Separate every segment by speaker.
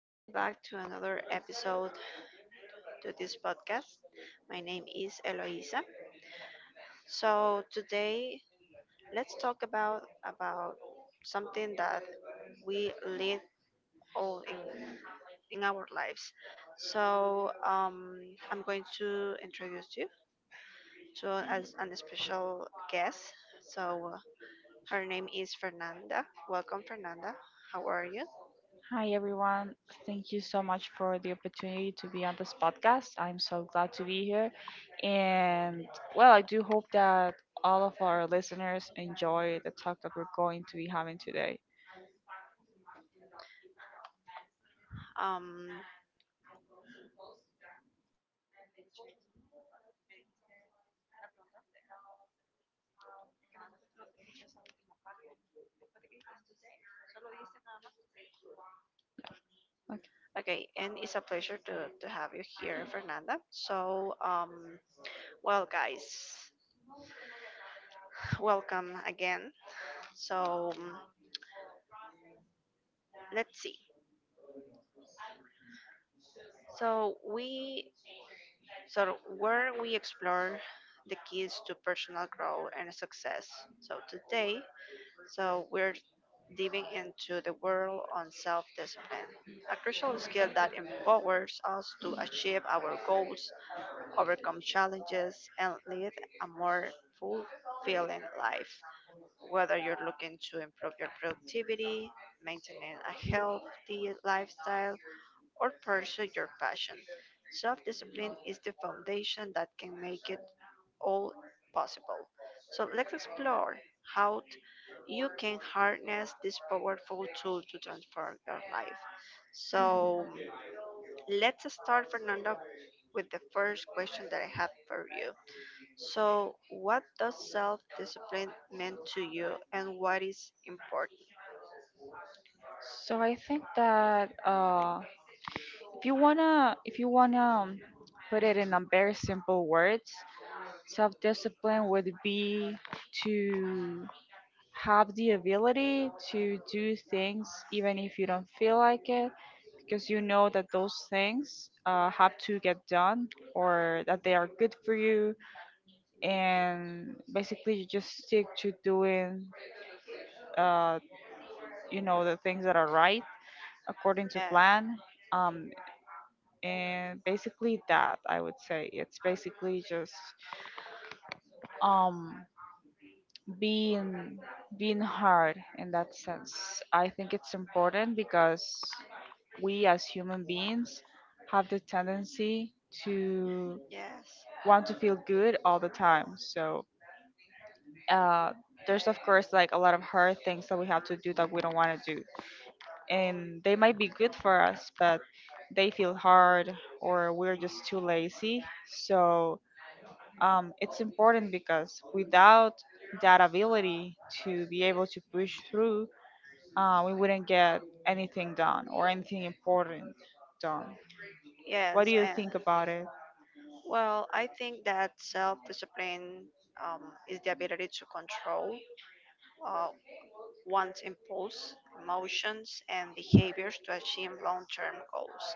Speaker 1: Welcome back to another episode to this podcast. My name is Eloisa. So today, let's talk about something that we live all in our lives. So I'm going to introduce you to as an special guest. So her name is Fernanda. Welcome, Fernanda. How are you?
Speaker 2: Hi, everyone. Thank you so much for the opportunity to be on this podcast. I'm so glad to be here. And well, I do hope that all of our listeners enjoy the talk that we're going to be having today.
Speaker 1: Um,
Speaker 2: Okay.
Speaker 1: Okay, and it's a pleasure to have you here, Fernanda. So, well, guys, welcome again. So, let's see. So, we so where we explore the keys to personal growth and success. So, today, we're diving into the world on self-discipline, a crucial skill that empowers us to achieve our goals, overcome challenges, and lead a more fulfilling life. Whether you're looking to improve your productivity, maintaining a healthy lifestyle, or pursue your passion, self discipline is the foundation that can make it all possible. So let's explore how you can harness this powerful tool to transform your life. So let's start, Fernando, with the first question that I have for you. So, what does self discipline mean to you and what is important?
Speaker 2: I think that if you wanna put it in a very simple words, self-discipline would be to have the ability to do things even if you don't feel like it because you know that those things have to get done or that they are good for you, and basically you just stick to doing uh, you know the things that are right according to
Speaker 1: Yes,
Speaker 2: plan. um, and basically that I would say it's basically just um, being being hard in that sense. I think it's important because we as human beings have the tendency to
Speaker 1: yes,
Speaker 2: want to feel good all the time. So uh, there's of course like a lot of hard things that we have to do that we don't want to do, and they might be good for us, but they feel hard or we're just too lazy. So it's important because without that ability to be able to push through, we wouldn't get anything done, or anything important done. What do
Speaker 1: yes.
Speaker 2: you
Speaker 1: And
Speaker 2: think about it?
Speaker 1: well, I think that self discipline um, is the ability to control uh, one's impulse, emotions, and behaviors to achieve long term goals.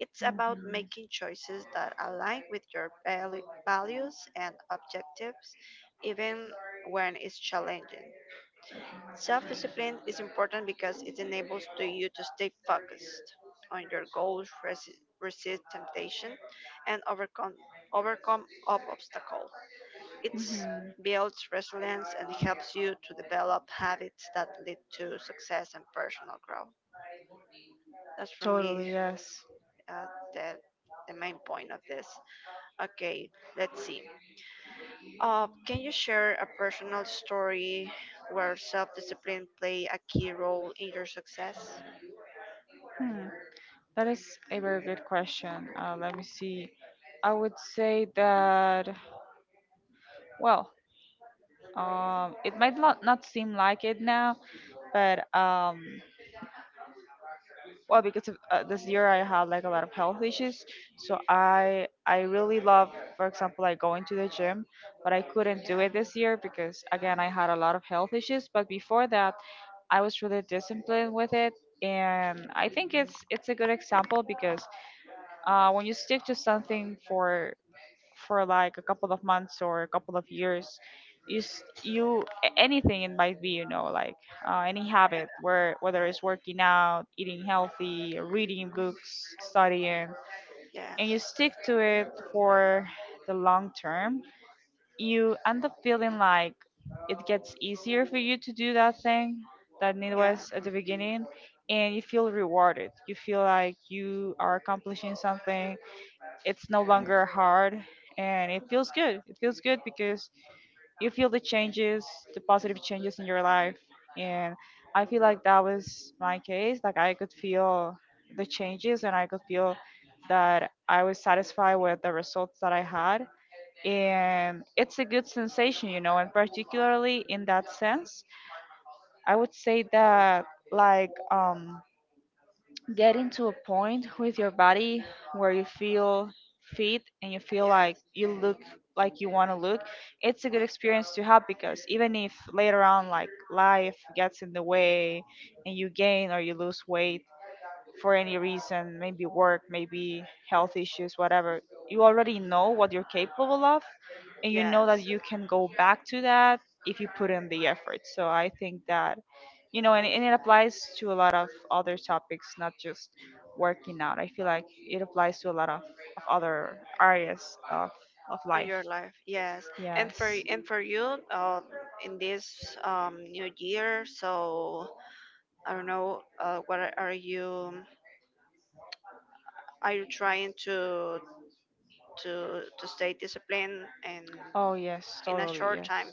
Speaker 1: It's about
Speaker 2: Mhm.
Speaker 1: making choices that align with your values and objectives, even when it's challenging. Self-discipline is important because it enables to you to stay focused on your goals, resist temptation, and overcome obstacle. It
Speaker 2: Mhm.
Speaker 1: builds resilience and helps you to develop habits that lead to success and personal growth. That's for
Speaker 2: Totally,
Speaker 1: me
Speaker 2: yes.
Speaker 1: uh, the main point of this. Okay, let's see. Can you share a personal story where self-discipline play a key role in your success?
Speaker 2: Hmm. That is a very good question. Let me see. I would say that, well, it might not, not seem like it now, but well, because of this year I had like a lot of health issues, so I really love, for example, like going to the gym, but I couldn't do it
Speaker 1: Yeah.
Speaker 2: this year because again I had a lot of health issues. But before that I was really disciplined with it, and I think it's a good example because when you stick to something for like a couple of months or a couple of years, you you anything it might be, you know, like any habit, where whether it's working out, eating healthy, reading books, studying,
Speaker 1: Yes,
Speaker 2: and you stick to it for the long term, you end up feeling like it gets easier for you to do that thing that it
Speaker 1: yes,
Speaker 2: was at the beginning. And you feel rewarded, you feel like you are accomplishing something, it's no longer hard, and it feels good. It feels good because you feel the changes, the positive changes in your life. And I feel like that was my case. Like I could feel the changes and I could feel that I was satisfied with the results that I had. And it's a good sensation, you know, and particularly in that sense, I would say that like getting to a point with your body where you feel fit and you feel like
Speaker 1: yes,
Speaker 2: you look like you want to look, it's a good experience to have, because even if later on like life gets in the way and you gain or you lose weight for any reason, maybe work, maybe health issues, whatever, you already know what you're capable of and you know that
Speaker 1: yes,
Speaker 2: you can go back to that if you put in the effort. So I think that, you know, and it applies to a lot of other topics, not just working out. I feel like it applies to a lot of other areas of
Speaker 1: on
Speaker 2: life.
Speaker 1: your life, yes. and for
Speaker 2: Yes.
Speaker 1: and for you in this new year, so I don't know, what are you trying to stay disciplined and
Speaker 2: Oh, yes,
Speaker 1: in a
Speaker 2: totally.
Speaker 1: short
Speaker 2: Yes.
Speaker 1: time?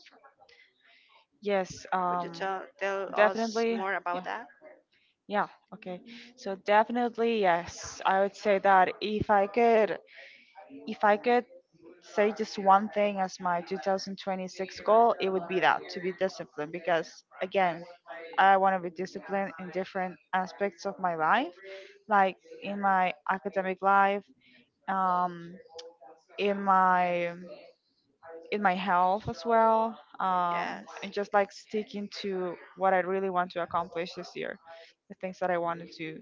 Speaker 2: Yes.
Speaker 1: Could you tell us
Speaker 2: Definitely.
Speaker 1: more about
Speaker 2: Yeah.
Speaker 1: that?
Speaker 2: Yeah, okay. So definitely yes. I would say that if I could say just one thing as my 2026 goal, it would be that to be disciplined, because again, I want to be disciplined in different aspects of my life, like in my academic life, um in my in my health as well,
Speaker 1: Yes.
Speaker 2: and just like sticking to what I really want to accomplish this year, the things that I want to do.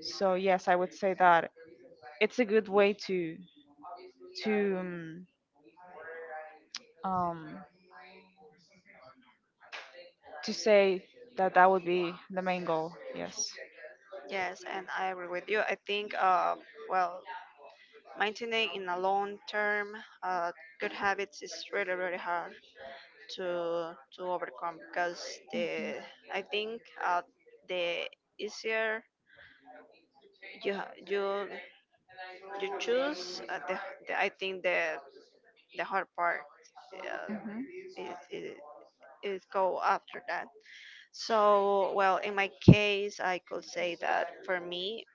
Speaker 2: So yes, I would say that it's a good way to um, um, to say that that would be the main goal. Yes.
Speaker 1: Yes, and I agree with you. I think, well, maintaining in a long term uh, good habits is really, really hard to overcome because the I think the easier you you choose, the I think the hard part uh,
Speaker 2: Hmm.
Speaker 1: is is is go after that. So, well, in my case, I could say that for me,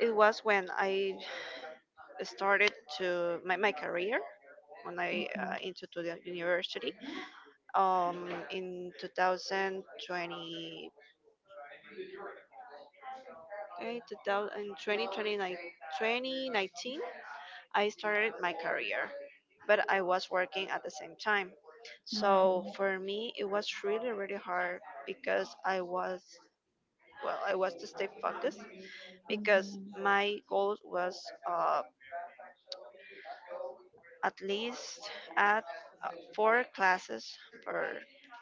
Speaker 1: it was when I started to my, my career when I
Speaker 2: Hmm.
Speaker 1: into to the university in 2020, okay, 2000, 2020, 2019. I started my career, but I was working at the same time, so
Speaker 2: Hmm.
Speaker 1: for me it was really really hard because I was well, I was to stay focused because
Speaker 2: Hmm.
Speaker 1: my goal was at least at four classes per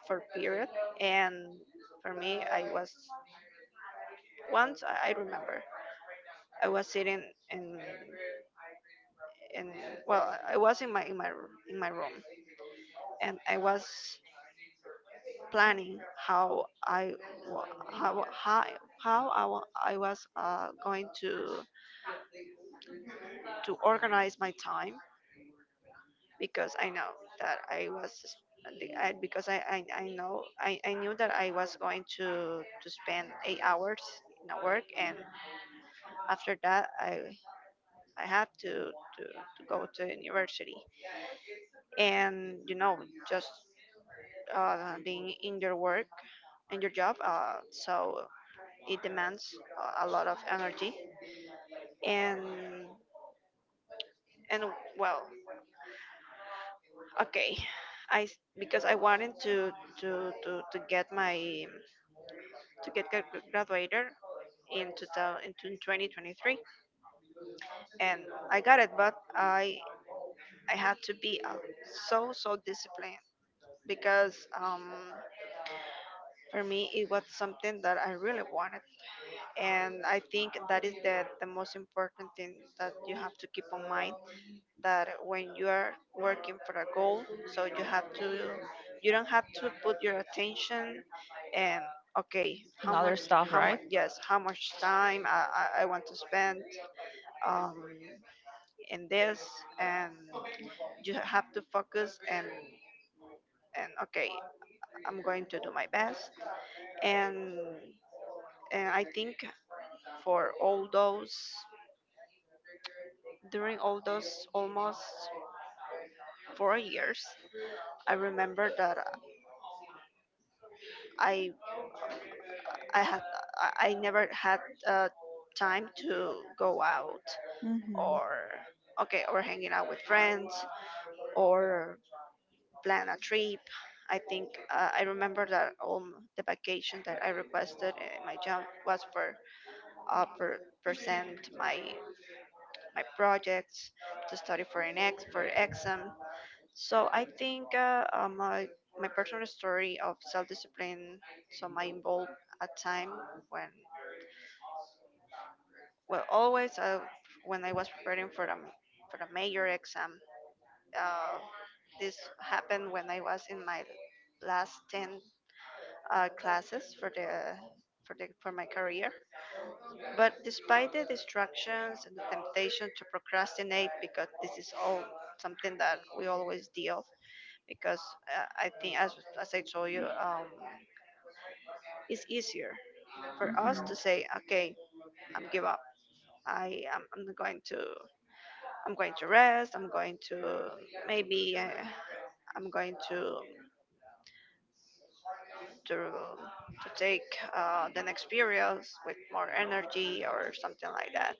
Speaker 1: per period. And for me, I was once I remember, I was sitting in in well, I was in my room, and I was planning how i wa- how how how I was going to organize my time because I know that I was the- I, because I knew that I was going to spend 8 hours in a work, and after that I had to go to university. And you know, just being in your work, in your job, so it demands a lot of energy, and and well, okay, because I wanted to get my to get gra- graduated in 2000, in 2023, and I got it, but I had to be so so disciplined because for me it was something that I really wanted. And I think that is the most important thing that you have to keep in mind, that when you are working for a goal, so you have to, you don't have to put your attention, and okay,
Speaker 2: And
Speaker 1: how
Speaker 2: other
Speaker 1: much
Speaker 2: stuff, right?
Speaker 1: how much time I want to spend um, in this. And you have to focus, and okay, I'm going to do my best, and I think for all those, during all those almost 4 years, I remember that i i had I never had uh, time to go out, or, okay, or hanging out with friends, or plan a trip. I think I remember that the vacation that I requested in my job was for present my my projects, to study for an ex for exam. So I think my my personal story of self discipline. So my involved a time when, well, always when I was preparing for the major exam. Uh, this happened when I was in my last 10 classes for my career. But despite the distractions and the temptation to procrastinate, because this is all something that we always deal, because I think, as I told you, it's easier for us to say, okay, I'm give up. I'm going to, I'm going to rest. I'm going to maybe, I'm going to to take the next periods with more energy or something like that.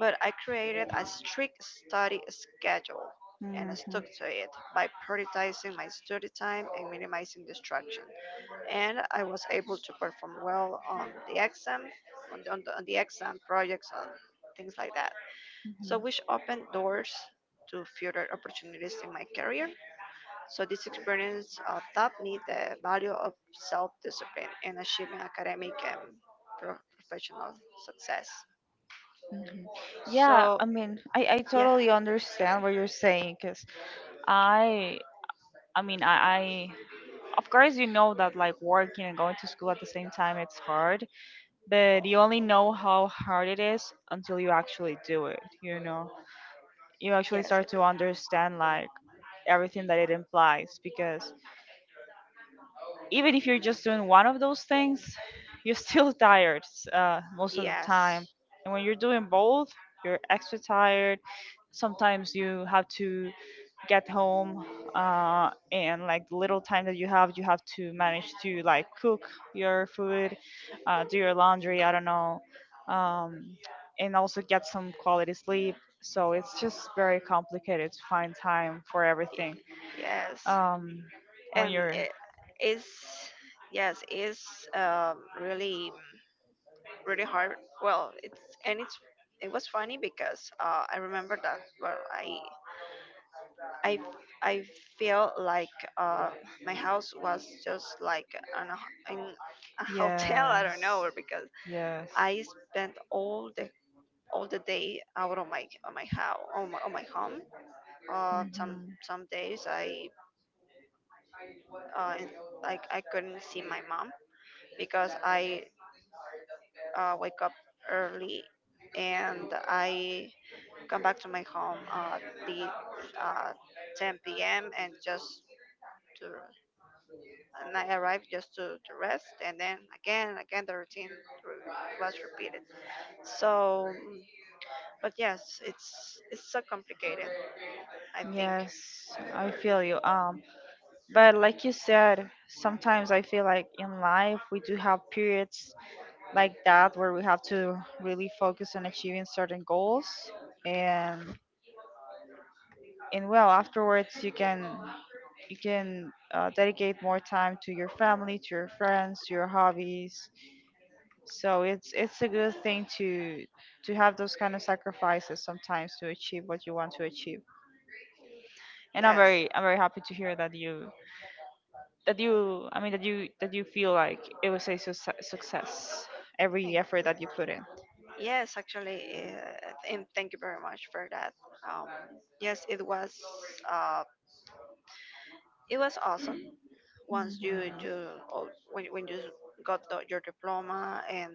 Speaker 1: But I created a strict study schedule,
Speaker 2: Mm-hmm.
Speaker 1: and I
Speaker 2: Mm-hmm.
Speaker 1: stuck to it by prioritizing my study time and minimizing distraction. And I was able to perform well on the exam, on on the exam projects, on things like that. So,
Speaker 2: Mhm,
Speaker 1: which opened doors to further opportunities in my career. So, this experience taught me the value of self discipline in achieving academic and professional success.
Speaker 2: mhm. Yeah,
Speaker 1: So,
Speaker 2: I mean, I
Speaker 1: yeah,
Speaker 2: totally understand
Speaker 1: sorry.
Speaker 2: what you're saying because I, I mean, of course, you know that like working and going to school at the same time, it's hard, but you only know how hard it is until you actually do it, you know? You actually
Speaker 1: Yes,
Speaker 2: start
Speaker 1: it
Speaker 2: to understand like everything that it implies, because even if you're just doing one of those things, you're still tired
Speaker 1: is.
Speaker 2: most of the time.
Speaker 1: Yes.
Speaker 2: And when you're doing both, you're extra tired. Sometimes you have to get home, and like the little time that you have to manage to like cook your food, do your laundry, I don't know, um, and also get some quality sleep. So it's just very complicated to find time for
Speaker 1: Yeah.
Speaker 2: everything.
Speaker 1: Yes.
Speaker 2: Um, when
Speaker 1: And
Speaker 2: you're,
Speaker 1: it is yes, it's really really hard. Well, it's, and it's, it was funny because I remember that, well, I I feel like my house was just like in a hotel, I
Speaker 2: yeah.
Speaker 1: don't know, or because
Speaker 2: Yes.
Speaker 1: I spent all the, all the day out of my, on my house, on my home.
Speaker 2: Mhm.
Speaker 1: Some days I uh, in- like I couldn't see my mom because I, wake up early, and I come back to my home, the uh, 10 p.m., and just to, and I arrived just to rest, and then again the routine was repeated. So, but yes, it's so complicated. I think
Speaker 2: Yes, I feel you. But like you said, sometimes I feel like in life we do have periods like that where we have to really focus on achieving certain goals, and and well, afterwards you can dedicate more time to your family, to your friends, to your hobbies. So it's a good thing to have those kind of sacrifices sometimes to achieve what you want to achieve. And
Speaker 1: yes,
Speaker 2: I'm very happy to hear that you that you, I mean that you feel like it was a success, every effort that you put in.
Speaker 1: yes actually, and thank you very much for that. Um, yes, it was. Uh, It was awesome. Once you
Speaker 2: Hmm.
Speaker 1: do, oh, when you got the, your diploma, and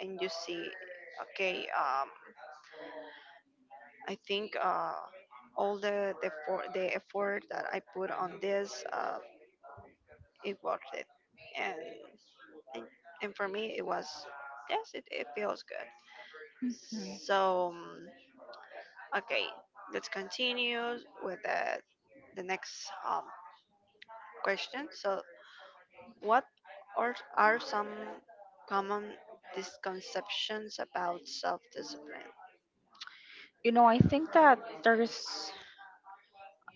Speaker 1: and you see, okay, I think all the for, the effort that I put on this, it worth it, and and and for me it was, yes, it feels good. So okay, let's continue with the next question. So what are some common misconceptions about self discipline?
Speaker 2: You know, I think that there's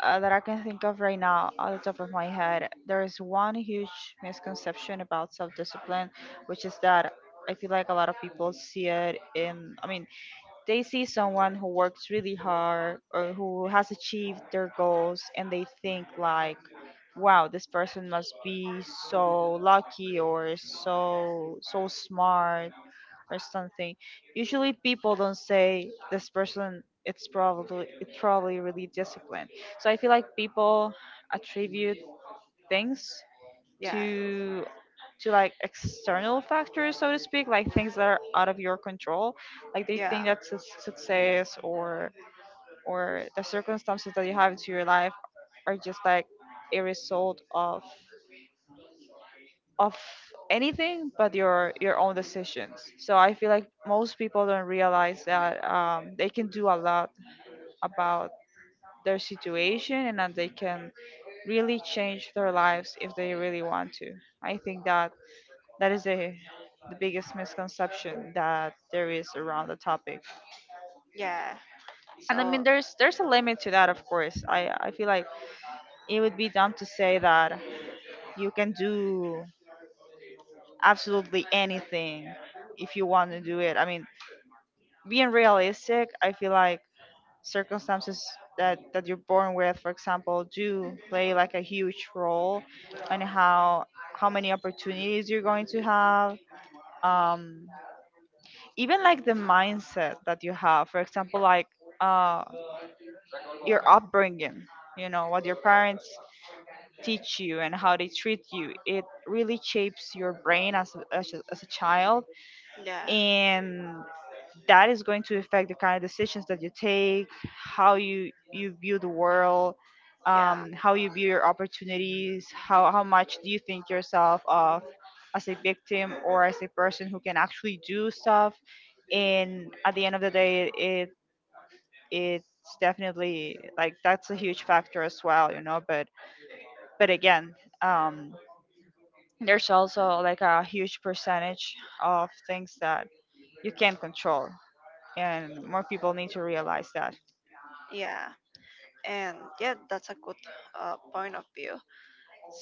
Speaker 2: that I can think of right now on the top of my head. There is one huge misconception about self-discipline, which is that I feel like a lot of people see it in. I mean, they see someone who works really hard or who has achieved their goals and they think like, wow, this person must be so lucky or so smart or something. Usually people don't say this person it's probably really disciplined. So I feel like people attribute things
Speaker 1: Yeah,
Speaker 2: to to like external factors, so to speak, like things that are out of your control. Like they
Speaker 1: yeah,
Speaker 2: think that success or the circumstances that you have into your life are just like a result of anything but your own decisions. So I feel like most people don't realize that they can do a lot about their situation and that they can really change their lives if they really want to. I think that that is the the biggest misconception that there is around the topic.
Speaker 1: yeah.
Speaker 2: And I mean
Speaker 1: So,
Speaker 2: there's a limit to that, of course. I feel like it would be dumb to say that you can do absolutely anything if you want to do it. I mean, being realistic, I feel like circumstances that, that you're born with, for example, do play like a huge role on how many opportunities you're going to have. Um, even like the mindset that you have, for example, like uh your upbringing, you know, what your parents teach you and how they treat you, it really shapes your brain as a, as a, as a child,
Speaker 1: yeah,
Speaker 2: and that is going to affect the kind of decisions that you take, how you you view the world,
Speaker 1: yeah,
Speaker 2: how you view your opportunities, how much do you think yourself of as a victim or as a person who can actually do stuff. And at the end of the day, it it's definitely like that's a huge factor as well, you know. But again, um, there's also like a huge percentage of things that you can't control, and more people need to realize that.
Speaker 1: yeah. And yeah, that's a good point of view.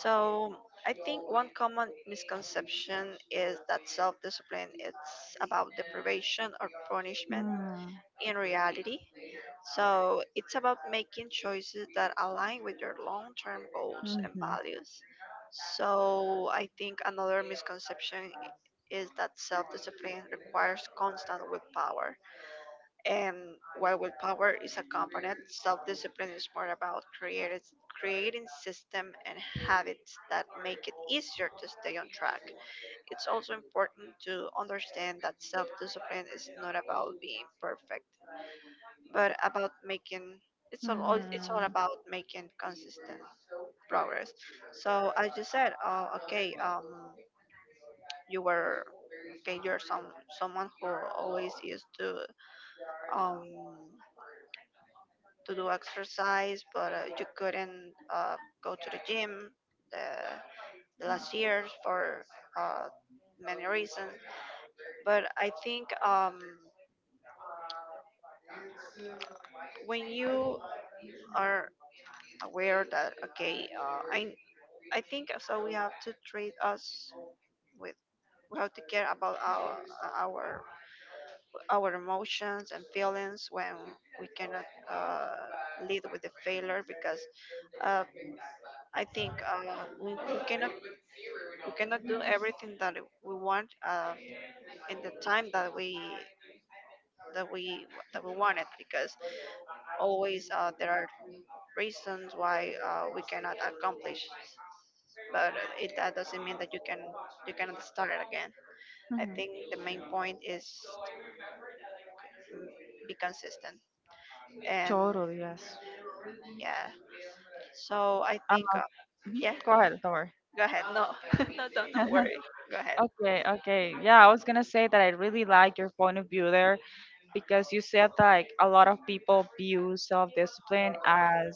Speaker 1: So, I think one common misconception is that self discipline is about deprivation or punishment
Speaker 2: Mm.
Speaker 1: in reality. So it's about making choices that align with your long term goals and
Speaker 2: Mm-hmm.
Speaker 1: values. So I think another misconception is that self discipline requires constant willpower. And while willpower is a component, self discipline is more about creating system and habits that make it easier to stay on track. It's also important to understand that self discipline is not about being perfect but about making it's all
Speaker 2: Mm-hmm.
Speaker 1: about making consistent progress. So as you said, okay, you were, okay, you're some someone who always used um to do exercise, but you couldn't go to the gym the, the last years for uh, many reasons. But I think when you are aware that, okay, I think, we have to treat us with, we have to care about our our our emotions and feelings when we cannot lead with the failure, because uh, I think we cannot, we cannot do everything that we want in the time that we, that we that we want it, because always there are reasons why we cannot accomplish, but it, that doesn't mean that you cannot start again. I think
Speaker 2: Mm-hmm.
Speaker 1: the main point is, be consistent. And
Speaker 2: Totally, yes.
Speaker 1: yeah, so I
Speaker 2: Uh,
Speaker 1: think
Speaker 2: mhm.
Speaker 1: yeah.
Speaker 2: Go ahead, don't worry.
Speaker 1: Go ahead. No, no, don't worry. Go ahead.
Speaker 2: Okay, okay. Yeah, I was gonna say that I really like your point of view there, because you said, like, a lot of people view self-discipline as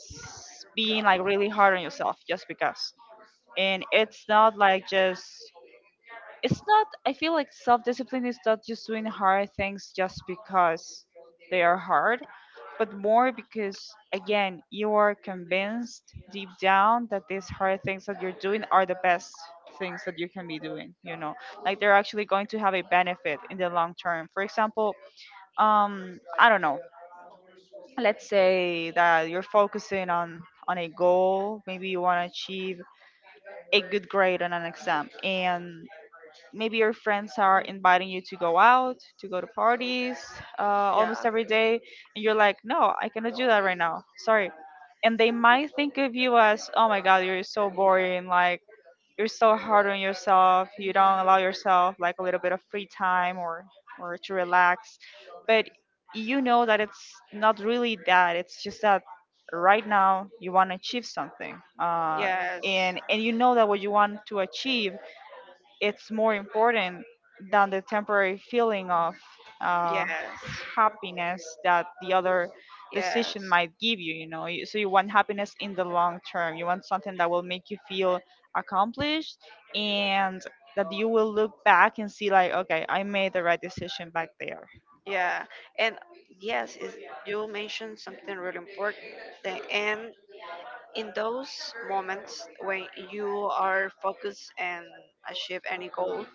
Speaker 2: being, like, really hard on yourself just because. And it's not like just, it's not, I feel like self-discipline is not just doing hard things just because they are hard, but more because, again, you are convinced deep down that these hard things that you're doing are the best things that you can be doing, you know, like they're actually going to have a benefit in the long term. For example, I don't know, let's say that you're focusing on a goal, maybe you want to achieve a good grade on an exam. And maybe your friends are inviting you to go out, to go to parties almost
Speaker 1: Yeah.
Speaker 2: every day. And you're like, no, I cannot do that right now, sorry. And they might think of you as, oh my god, you're so boring, like you're so hard on yourself, you don't allow yourself, like, a little bit of free time or to relax. But you know that it's not really that, it's just that right now you want to achieve something,
Speaker 1: Yes.
Speaker 2: and you know that what you want to achieve, it's more important than the temporary feeling of uh,
Speaker 1: Yes.
Speaker 2: happiness that the other decision
Speaker 1: Yes.
Speaker 2: might give you, you know. You- so you want happiness in the long term, you want something that will make you feel accomplished, and that you will look back and see like, okay, I made the right decision back there.
Speaker 1: Yeah. And yes, is you mentioned something really important. And in those moments when you are focused and achieve any goal,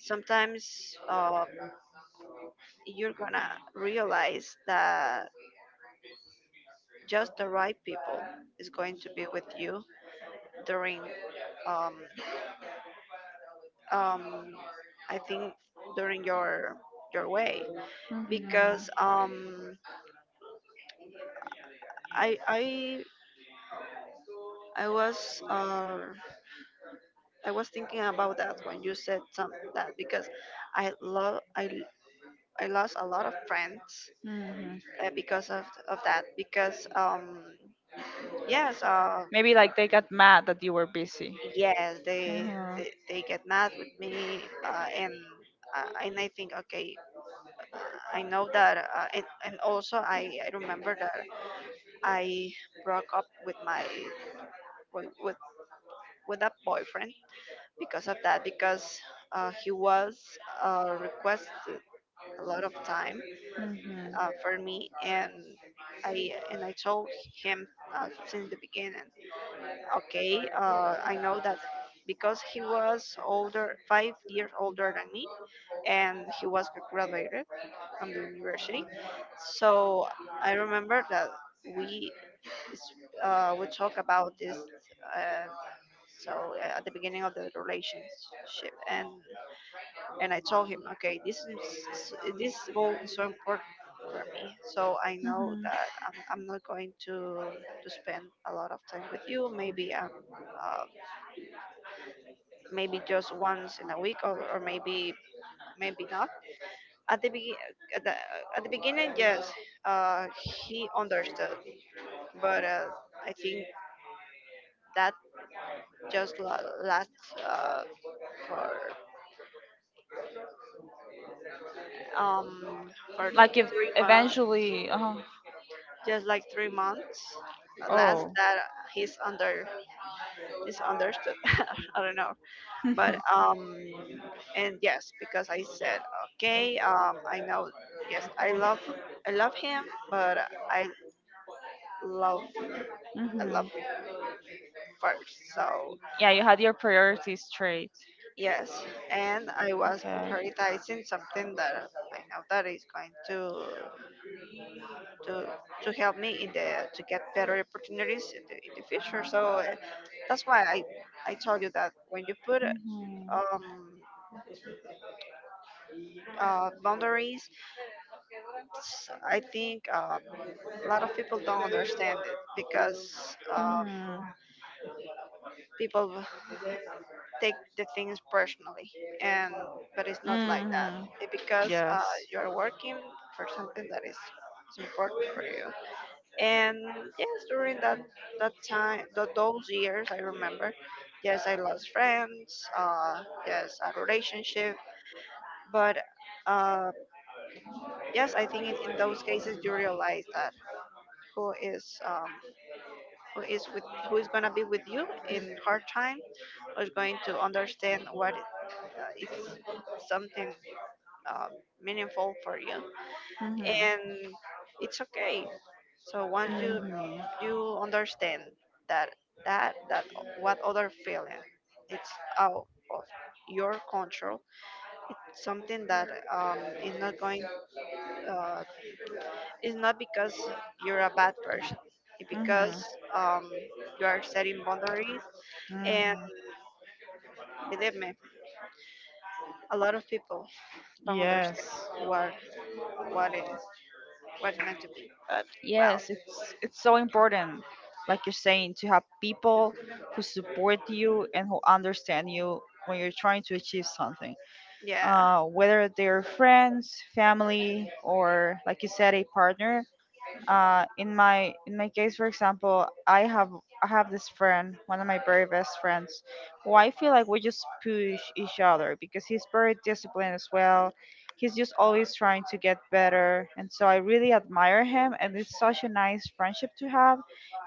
Speaker 1: sometimes you're gonna realize that just the right people is going to be with you during um, um, I think during your way
Speaker 2: Mhm.
Speaker 1: because I I I was uh, I was thinking about that when you said some that because I love I lost a lot of friends
Speaker 2: Hmm.
Speaker 1: because of that because yes uh
Speaker 2: Maybe like they got mad that you were busy.
Speaker 1: yes they
Speaker 2: Mm-hmm.
Speaker 1: they, they get mad with me, and I think, okay, I know that. And also I remember that I broke up with with with, with that boyfriend because of that because he was, requested a lot of time
Speaker 2: Mm-hmm.
Speaker 1: for me. And I told him, since the beginning, okay, I know that because he was older, 5 years older than me, and he was graduated from the university. So I remember that we s- we talk about this, uh, at the beginning of the relationship. And I told him, okay, this is this goal is so so important for me, so I know
Speaker 2: Mm-hmm.
Speaker 1: that I'm not going to spend a lot of time with you. Maybe uh, maybe just once in a week, or maybe maybe not at the at the, at the beginning. Yes, uh, he understood. But I think that just lasts for um for
Speaker 2: Like if
Speaker 1: 3 months.
Speaker 2: eventually,
Speaker 1: Just like 3 months last
Speaker 2: oh,
Speaker 1: that. He's under is understood, I don't know. but um and yes, because I said, okay, I know, yes, I love him. But i love I love
Speaker 2: mm-hmm.
Speaker 1: him first. So
Speaker 2: Yeah, you had your priorities straight.
Speaker 1: yes, and I was
Speaker 2: Okay.
Speaker 1: prioritizing something that I know that is going to to to help me in the to get better opportunities in in the future. So that's why I told you that when you put
Speaker 2: Mm-hmm.
Speaker 1: um boundaries, I think, a lot of people don't understand it because,
Speaker 2: Mm-hmm.
Speaker 1: people take the things personally. And but it's not like that
Speaker 2: Mm-hmm.
Speaker 1: it, because,
Speaker 2: Yes.
Speaker 1: you're working for something that is important for you. And yes, during that time, those years, I remember, yes, I lost friends, yes, a relationship. But uh, yes, I think in those cases you realize that who is um, who is with, who is going to be with you in hard time, who is going to understand what is something, uh, meaningful for you.
Speaker 2: Mm-hmm.
Speaker 1: And it's okay. So once you
Speaker 2: Mm-hmm.
Speaker 1: you understand that that what other feeling, it's out of your control. It's something that, is not going, uh, it's not because you're a bad person. It's because,
Speaker 2: Mm-hmm.
Speaker 1: um, you are setting boundaries. And
Speaker 2: Mm-hmm.
Speaker 1: believe me, a lot of people don't understand
Speaker 2: Yes.
Speaker 1: what is what's meant to be. But well,
Speaker 2: Yes, it's so important, like you're saying, to have people who support you and who understand you when you're trying to achieve something.
Speaker 1: yeah,
Speaker 2: Whether they're friends, family, or like you said, a partner, in my case, for example, I have this friend, one of my very best friends, who I feel like we just push each other because he's very disciplined as well. He's just always trying to get better, and so I really admire him. And it's such a nice friendship to have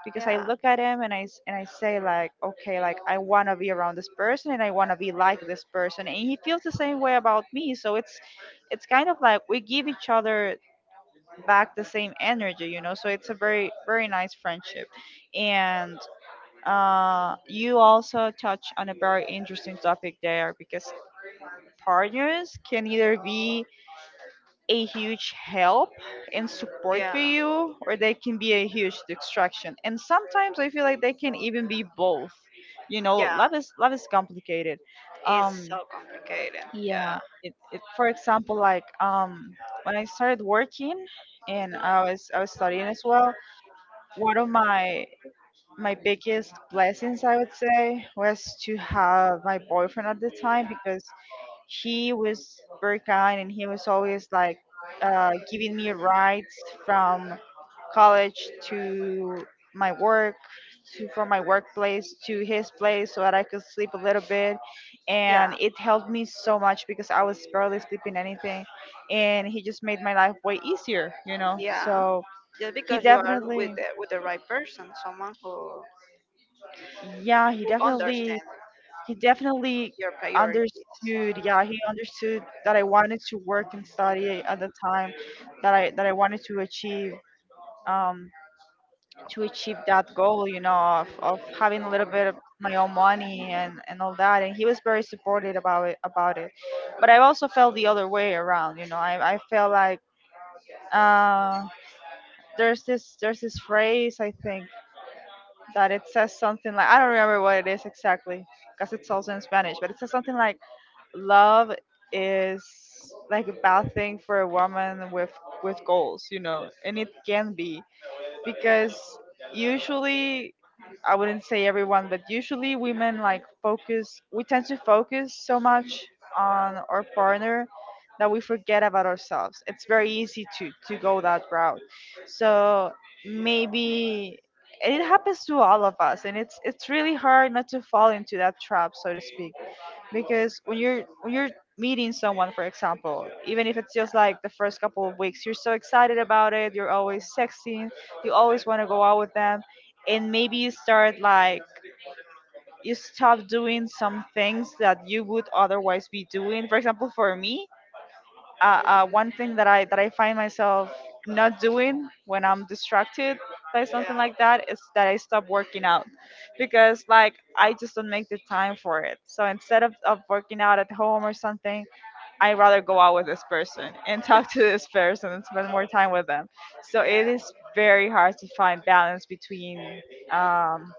Speaker 2: because I
Speaker 1: yeah,
Speaker 2: look at him and I s- and I say like, okay, like I want to be around this person and I want to be like this person, and he feels the same way about me. So it's kind of like we give each other back the same energy, you know, so it's a very, very nice friendship. And you also touch on a very interesting topic there, because partners can either be a huge help and support
Speaker 1: yeah,
Speaker 2: for you, or they can be a huge distraction. And sometimes I feel like they can even be both. You know,
Speaker 1: yeah.
Speaker 2: love is complicated.
Speaker 1: It's
Speaker 2: Um,
Speaker 1: so complicated.
Speaker 2: yeah,
Speaker 1: Yeah,
Speaker 2: it for example, like when I started working and I was studying as well, one of my biggest blessings, I would say, was to have my boyfriend at the time, because he was very kind and he was always like, giving me rides from college to my work, to from my workplace to his place so that I could sleep a little bit.
Speaker 1: yeah,
Speaker 2: And it helped me so much because I was barely sleeping anything. And he just made my life way easier, you know.
Speaker 1: yeah.
Speaker 2: So
Speaker 1: Just
Speaker 2: he
Speaker 1: because you are
Speaker 2: definitely—
Speaker 1: with the right person, someone
Speaker 2: Yeah, he
Speaker 1: who
Speaker 2: definitely—
Speaker 1: understands
Speaker 2: he definitely
Speaker 1: your priorities.
Speaker 2: understood. Yeah, he understood that I wanted to work and study at the time, that I wanted um to achieve that goal, you know, of having a little bit of my own money, and all that. And he was very supportive about it. But I also felt the other way around, you know. I felt like uh there's this phrase, I think, that it says something like, I don't remember what it is exactly because it's also in Spanish, but it says something like, love is like a bad thing for a woman with goals, you know. And it can be
Speaker 1: Yeah,
Speaker 2: because usually— I wouldn't say everyone, but usually women, like, focus— we tend to focus so much on our partner that we forget about ourselves. It's very easy to go that route. So maybe— and it happens to all of us, and it's really hard not to fall into that trap, so to speak. Because when you're meeting someone, for example, even if it's just like the first couple of weeks, you're so excited about it, you're always sexting, you always want to go out with them. And maybe you start like, you stop doing some things that you would otherwise be doing. For example, for me, one thing that I find myself not doing when I'm distracted by something like that is that I stop working out, because like, I just don't make the time for it. So instead of working out at home or something, I'd rather go out with this person and talk to this person and spend more time with them. So
Speaker 1: yeah,
Speaker 2: it
Speaker 1: yeah.
Speaker 2: is very hard to find balance between um,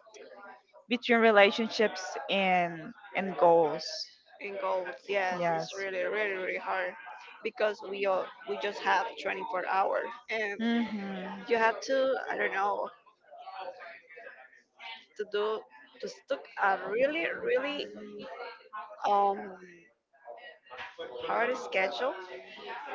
Speaker 2: between relationships and goals.
Speaker 1: In goals, yes, it's
Speaker 2: Yes.
Speaker 1: really, really, really hard because we all we just have 24 hours, and
Speaker 2: Mhm.
Speaker 1: you have to, I don't know, to do to stick a really really um hard schedule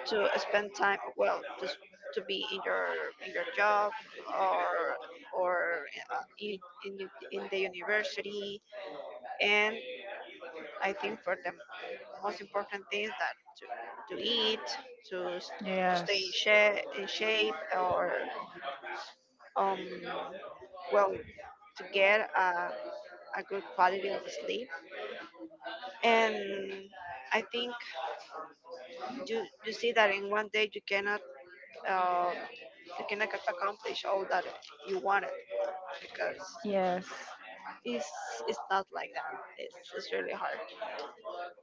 Speaker 1: to spend time, well, just to be in your job, or or uh, in, in in the university. And I think for the most important thing is that to, to eat, to s- to stay in,
Speaker 2: Yes.
Speaker 1: in shape, or um well, to get a good quality of sleep. And I think you you see that in one day you cannot, uh, you cannot accomplish all that you wanted, because
Speaker 2: Yes.
Speaker 1: it's it's not like that. It's really hard.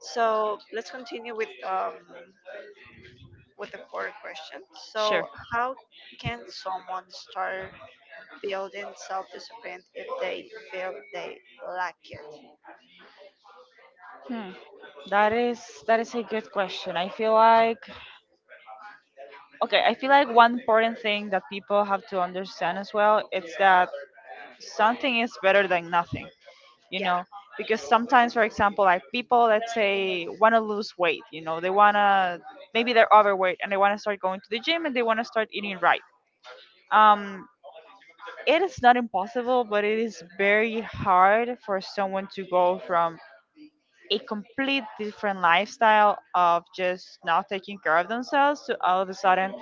Speaker 1: So let's continue with the fourth question. So
Speaker 2: Sure.
Speaker 1: how can someone start building self discipline if they feel they lack it?
Speaker 2: Hmm. That is a good question. I feel like, okay, I feel like one important thing that people have to understand as well, it's that something is better than nothing. You
Speaker 1: Yeah,
Speaker 2: know, because sometimes, for example, like, people— let's say want to lose weight, you know, they want to— maybe they're overweight and they want to start going to the gym and they want to start eating right. Um, it is not impossible, but it is very hard for someone to go from a complete different lifestyle of just not taking care of themselves to all of a sudden,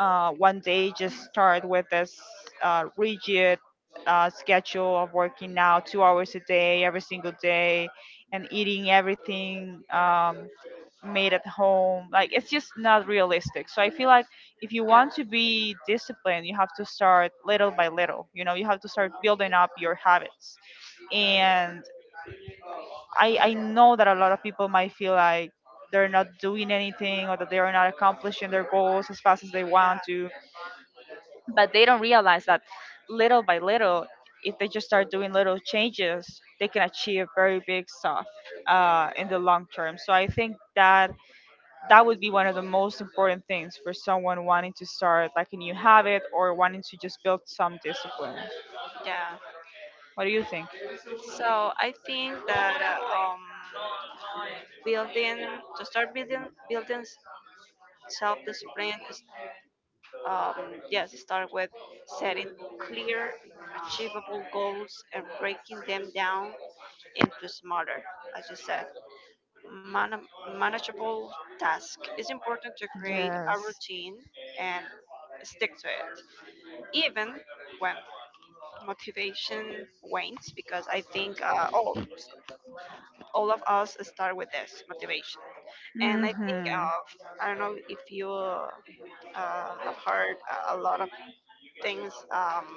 Speaker 2: one day just start with this rigid schedule of working out 2 hours a day every single day and eating everything made at home. Like, it's just not realistic. So I feel like if you
Speaker 1: yeah,
Speaker 2: want to be disciplined, you have to start little by little, you know, you have to start building up your habits. And I know that a lot of people might feel like they're not doing anything, or that they are not accomplishing their goals as fast as they
Speaker 1: yeah,
Speaker 2: want to, but they don't realize that little by little, if they just start doing little changes, they can achieve very big stuff in the long term. So I think that that would be one of the most important things for someone wanting to start like a new habit, or wanting to just build some discipline.
Speaker 1: yeah.
Speaker 2: What do you think?
Speaker 1: So I think that building to start building building Self-discipline is, um, yes, start with setting clear, achievable goals and breaking them down into smaller, as you said, man- manageable tasks. It's important to create a
Speaker 2: Yes.
Speaker 1: routine and stick to it, even when motivation wanes, because I think, all of us start with this motivation. And I think,
Speaker 2: Mhm.
Speaker 1: I don't know if you, have heard a lot of things um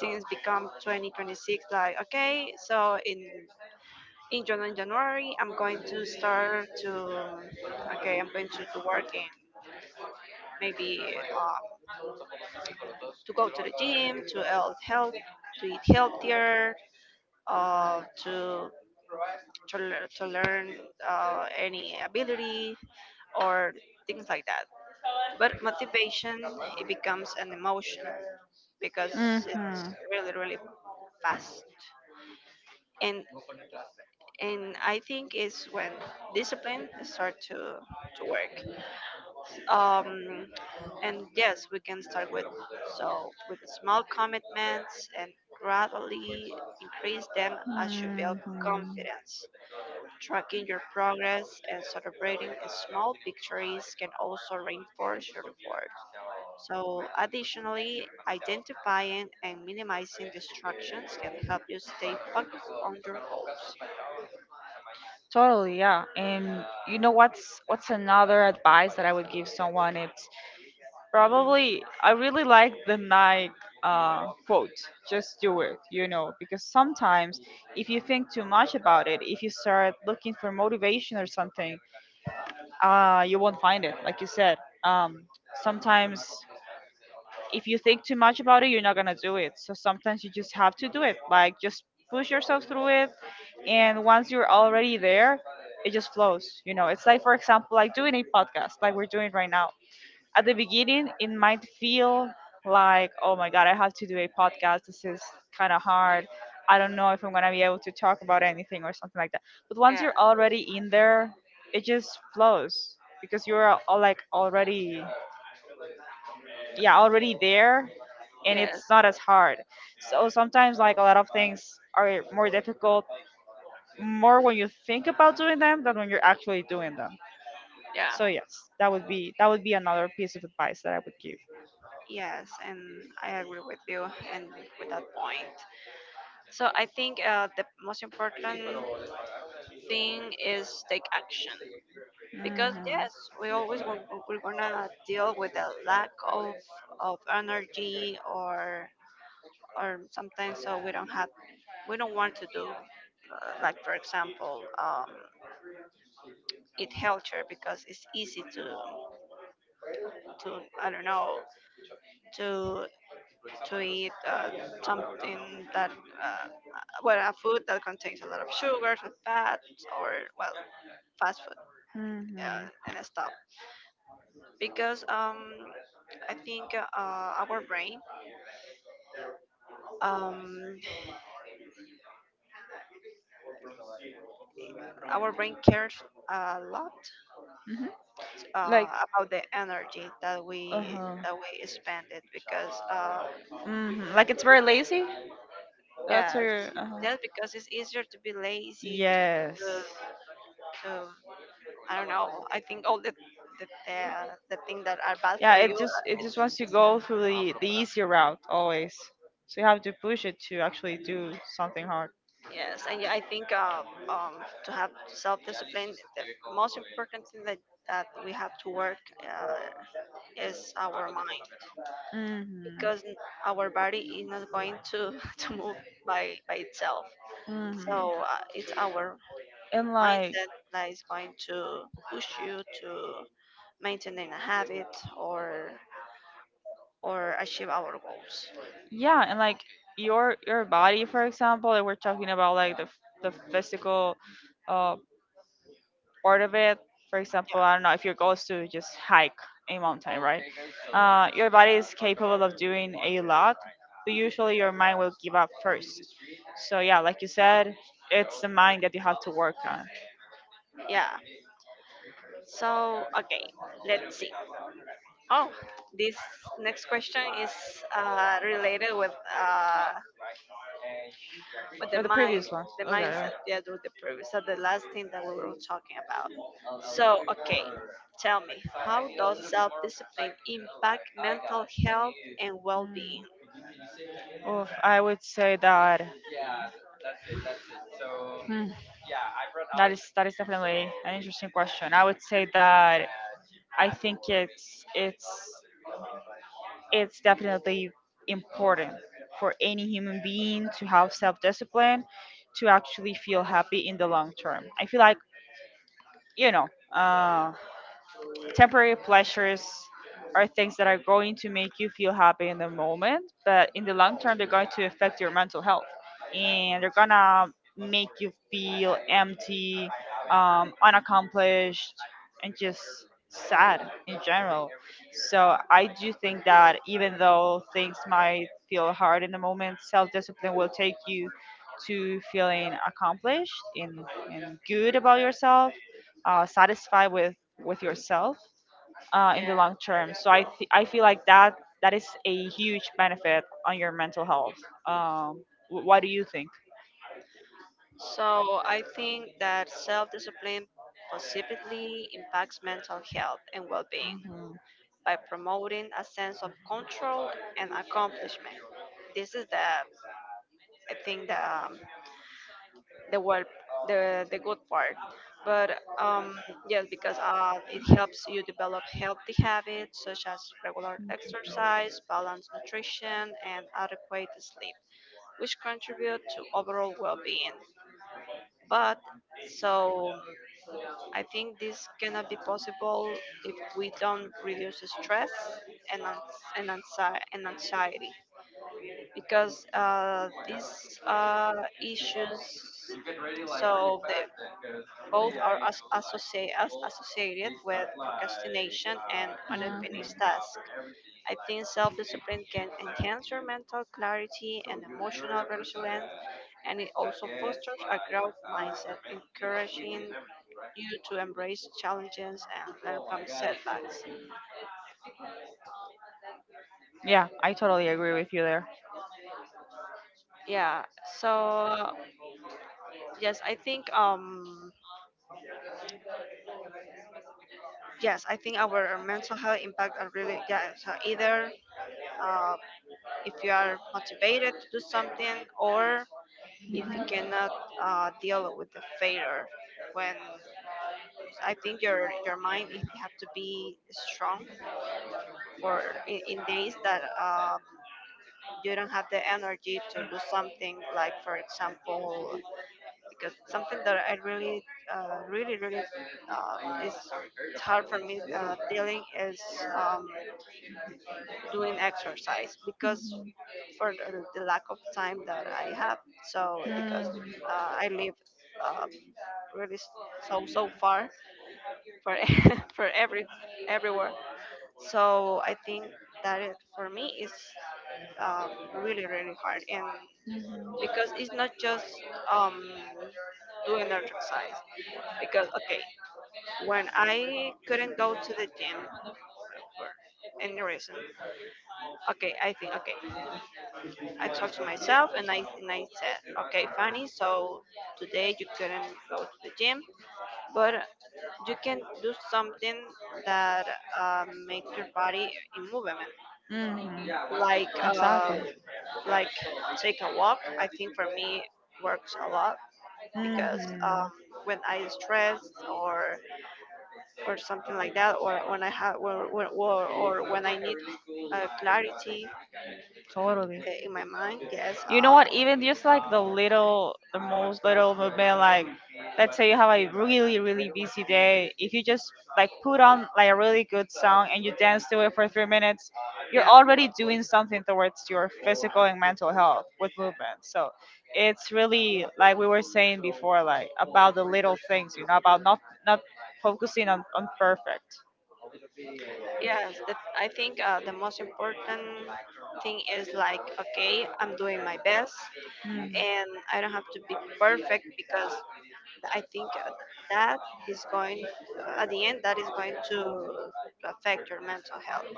Speaker 1: things become 2026. Like, okay, so in january I'm going to start to, okay, I'm going to work in, maybe, to go to the gym to health to eat healthier, uh, to to, to learn, any ability, or things like that. But motivation it becomes an emotion because
Speaker 2: Mhm.
Speaker 1: it's really really fast. and and I think it's when discipline start to work. Um, and yes, we can start with with small commitments and gradually increase them as you build
Speaker 2: Mhm.
Speaker 1: confidence. Tracking your progress and celebrating small victories can also reinforce your effort. So, additionally, identifying and minimizing distractions can help you stay focused on your goals.
Speaker 2: Totally, yeah. And you know what's another advice that I would give someone? It's— probably, I really like the Nike quote, just do it, you know, because sometimes if you think too much about it, if you start looking for motivation or something, you won't find it, like you said. Um, sometimes if you think too much about it, you're not gonna do it. So sometimes you just have to do it, like, just push yourself through it. And once you're already there, it just flows, you know. It's like, for example, like doing a podcast, like we're doing right now. At the beginning it might feel like, oh my god, I have to do a podcast, this is kind of hard, I don't know if I'm going to be able to talk about anything or something like that. But once
Speaker 1: Yeah.
Speaker 2: you're already in there, it just flows because you're al- al- like already— yeah, already there, and
Speaker 1: Yes.
Speaker 2: it's not as hard. So sometimes, like, a lot of things are more difficult more when you think about doing them than when you're actually doing them.
Speaker 1: Yeah.
Speaker 2: So yes, that would be— that would be another piece of advice that I would give.
Speaker 1: Yes, and I agree with you and with that point. So I think, the most important thing is take action because
Speaker 2: Mhm.
Speaker 1: yes, we always gon- we're gonna deal with the lack of energy, or sometimes so we don't have we don't want to do, like, for example, eat healthier because it's easy to, I don't know, to to eat, something that, well, a food that contains a lot of sugars and fats, or, well, fast food
Speaker 2: Mm-hmm.
Speaker 1: and stuff. Because, I think, um, our brain cares a lot
Speaker 2: Hmm. Like,
Speaker 1: about the energy
Speaker 2: uh huh.
Speaker 1: that we spend it. Because,
Speaker 2: Hmm. Like, it's very lazy. That's her.
Speaker 1: yes,
Speaker 2: Uh-huh.
Speaker 1: just because it's easier to be lazy
Speaker 2: Yes.
Speaker 1: to, to, I don't know. I think all the the things that are bad
Speaker 2: Yeah.
Speaker 1: for you.
Speaker 2: It just— it just wants to
Speaker 1: It's,
Speaker 2: go through the easy route always. So you have to push it to actually do something hard.
Speaker 1: yes, and I think to have self discipline, the most important thing that that we have to work is our mind
Speaker 2: Mm-hmm.
Speaker 1: because our body is not going to to move by itself. So,
Speaker 2: Mm-hmm.
Speaker 1: it's our
Speaker 2: And like—
Speaker 1: mindset that is going to push you to maintaining a habit, or or achieve our goals.
Speaker 2: yeah, and like, your body, for example, that we're talking about, like the f- the physical uh part of it. For
Speaker 1: Yeah.
Speaker 2: example, I don't know if your goal is to just hike a mountain, right? Your body is capable of doing a lot, but usually your mind will give up first. So yeah, like you said, it's the mind that you have to work on.
Speaker 1: Yeah. So, okay, let's see. Oh, this next question is, related with, uh, with the
Speaker 2: Or the
Speaker 1: mind,
Speaker 2: previous one.
Speaker 1: the
Speaker 2: Okay.
Speaker 1: mindset. Yeah, with the previous, so the last thing that we were talking about. So, okay, tell me, how does self-discipline impact mental health and well-being?
Speaker 2: Mm. Oof, I would say that. Hmm, that is definitely an interesting question. I would say that I think it's definitely important for any human being to have self-discipline to actually feel happy in the long term. I feel like, you know, temporary pleasures are things that are going to make you feel happy in the moment, but in the long term, they're going to affect your mental health, and they're gonna make you feel empty, unaccomplished, and just sad in general. So I do think that even though things might feel hard in the moment, self discipline will take you to feeling accomplished and good about yourself, satisfied with yourself in
Speaker 1: Yeah.
Speaker 2: the long term. So I th- I feel like that that is a huge benefit on your mental health. Wh- what do you think?
Speaker 1: So I think that self-discipline positively impacts mental health and well-being
Speaker 2: Hmm.
Speaker 1: by promoting a sense of control and accomplishment. This is the I think the, the word the good part. But, yes, because, it helps you develop healthy habits such as regular exercise, balanced nutrition, and adequate sleep, which contribute to overall well-being. But so I think this cannot be possible if we don't reduce stress and, and anxiety. Because, these issues so they both are as associated with procrastination and unfinished tasks. I think self-discipline can enhance your mental clarity and
Speaker 2: Mhm.
Speaker 1: emotional resilience, and it also fosters a growth mindset, encouraging you to embrace challenges and learn from setbacks.
Speaker 2: Yeah, I totally agree with you there.
Speaker 1: Yeah. So yes, I think yes, I think our mental health impact are really yeah. So either, uh, if you are motivated to do something, or if you cannot, deal with the failure, when I think your mind it have to be strong for in days that, you don't have the energy to do something. Like, for example, because something that I really, uh, really really uh, is it's hard for me, dealing is. Um, Doing exercise because
Speaker 2: Mhm.
Speaker 1: for the lack of time that I have. So because,
Speaker 2: Mhm.
Speaker 1: I live, uh, really s- so so far for for every everywhere. So I think that it for me is, uh, really really hard, and because it's not just, um, doing exercise. Because okay, when I couldn't go to the gym for any reason, okay, I think okay. I talked to myself and I said, okay, Fanny, so today you couldn't go to the gym, but you can do something that, makes your body in movement,
Speaker 2: Mm,
Speaker 1: like,
Speaker 2: exactly.
Speaker 1: like take a walk. I think for me works a lot because,
Speaker 2: Hmm.
Speaker 1: um, when I stress or something like that, or when I have or, or when I need, clarity,
Speaker 2: Totally.
Speaker 1: in my mind, yes,
Speaker 2: You know what? Even just like the little, the most little movement, like, let's say you have a really, really busy day. If you just put on like a really good song and you dance to it for 3 minutes, you're
Speaker 1: yeah,
Speaker 2: already doing something towards your physical and mental health with movement. So it's really like we were saying before, like about the little things, about not focusing on perfect.
Speaker 1: yes, that's, I think, the most
Speaker 2: Mhm.
Speaker 1: important thing is like, okay, I'm doing my best and I don't have to be perfect because I think, that is going, at the end, that is going to affect your mental health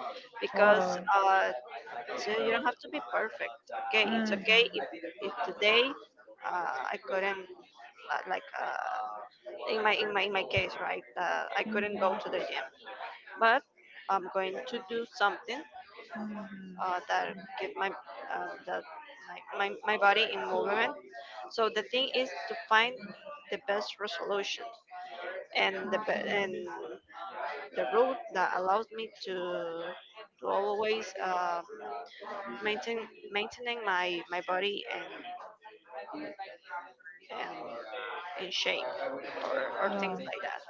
Speaker 1: because,
Speaker 2: Totally.
Speaker 1: uh, so you don't have to be perfect. Okay, it's okay if today, I couldn't, uh, like, uh, in my in my case, right? I
Speaker 2: Mhm, mhm,
Speaker 1: couldn't go to the gym, but I'm going to do something,
Speaker 2: mhm.
Speaker 1: that give my, that like my body in movement. So the thing is to find the best resolution and and the route that allows me to always maintaining my body and in shape , or
Speaker 2: Yeah.
Speaker 1: things like that.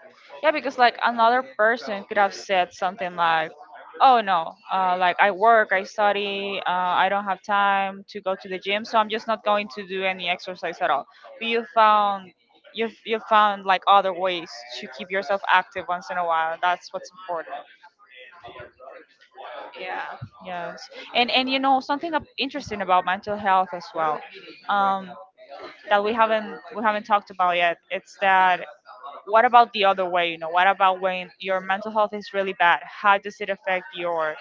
Speaker 2: Yeah, because like another person could have said something like, "Oh no, like I work, I study, I don't have time to go to the gym, so I'm just not going to do any exercise at all." But you found like other ways to keep yourself active once in a while, and that's what's important.
Speaker 1: Yeah,
Speaker 2: Yes, and you know something interesting about mental health as well, um, that we haven't talked about yet. It's that, what about the other way? You know, what about when your mental health is really bad? How does it affect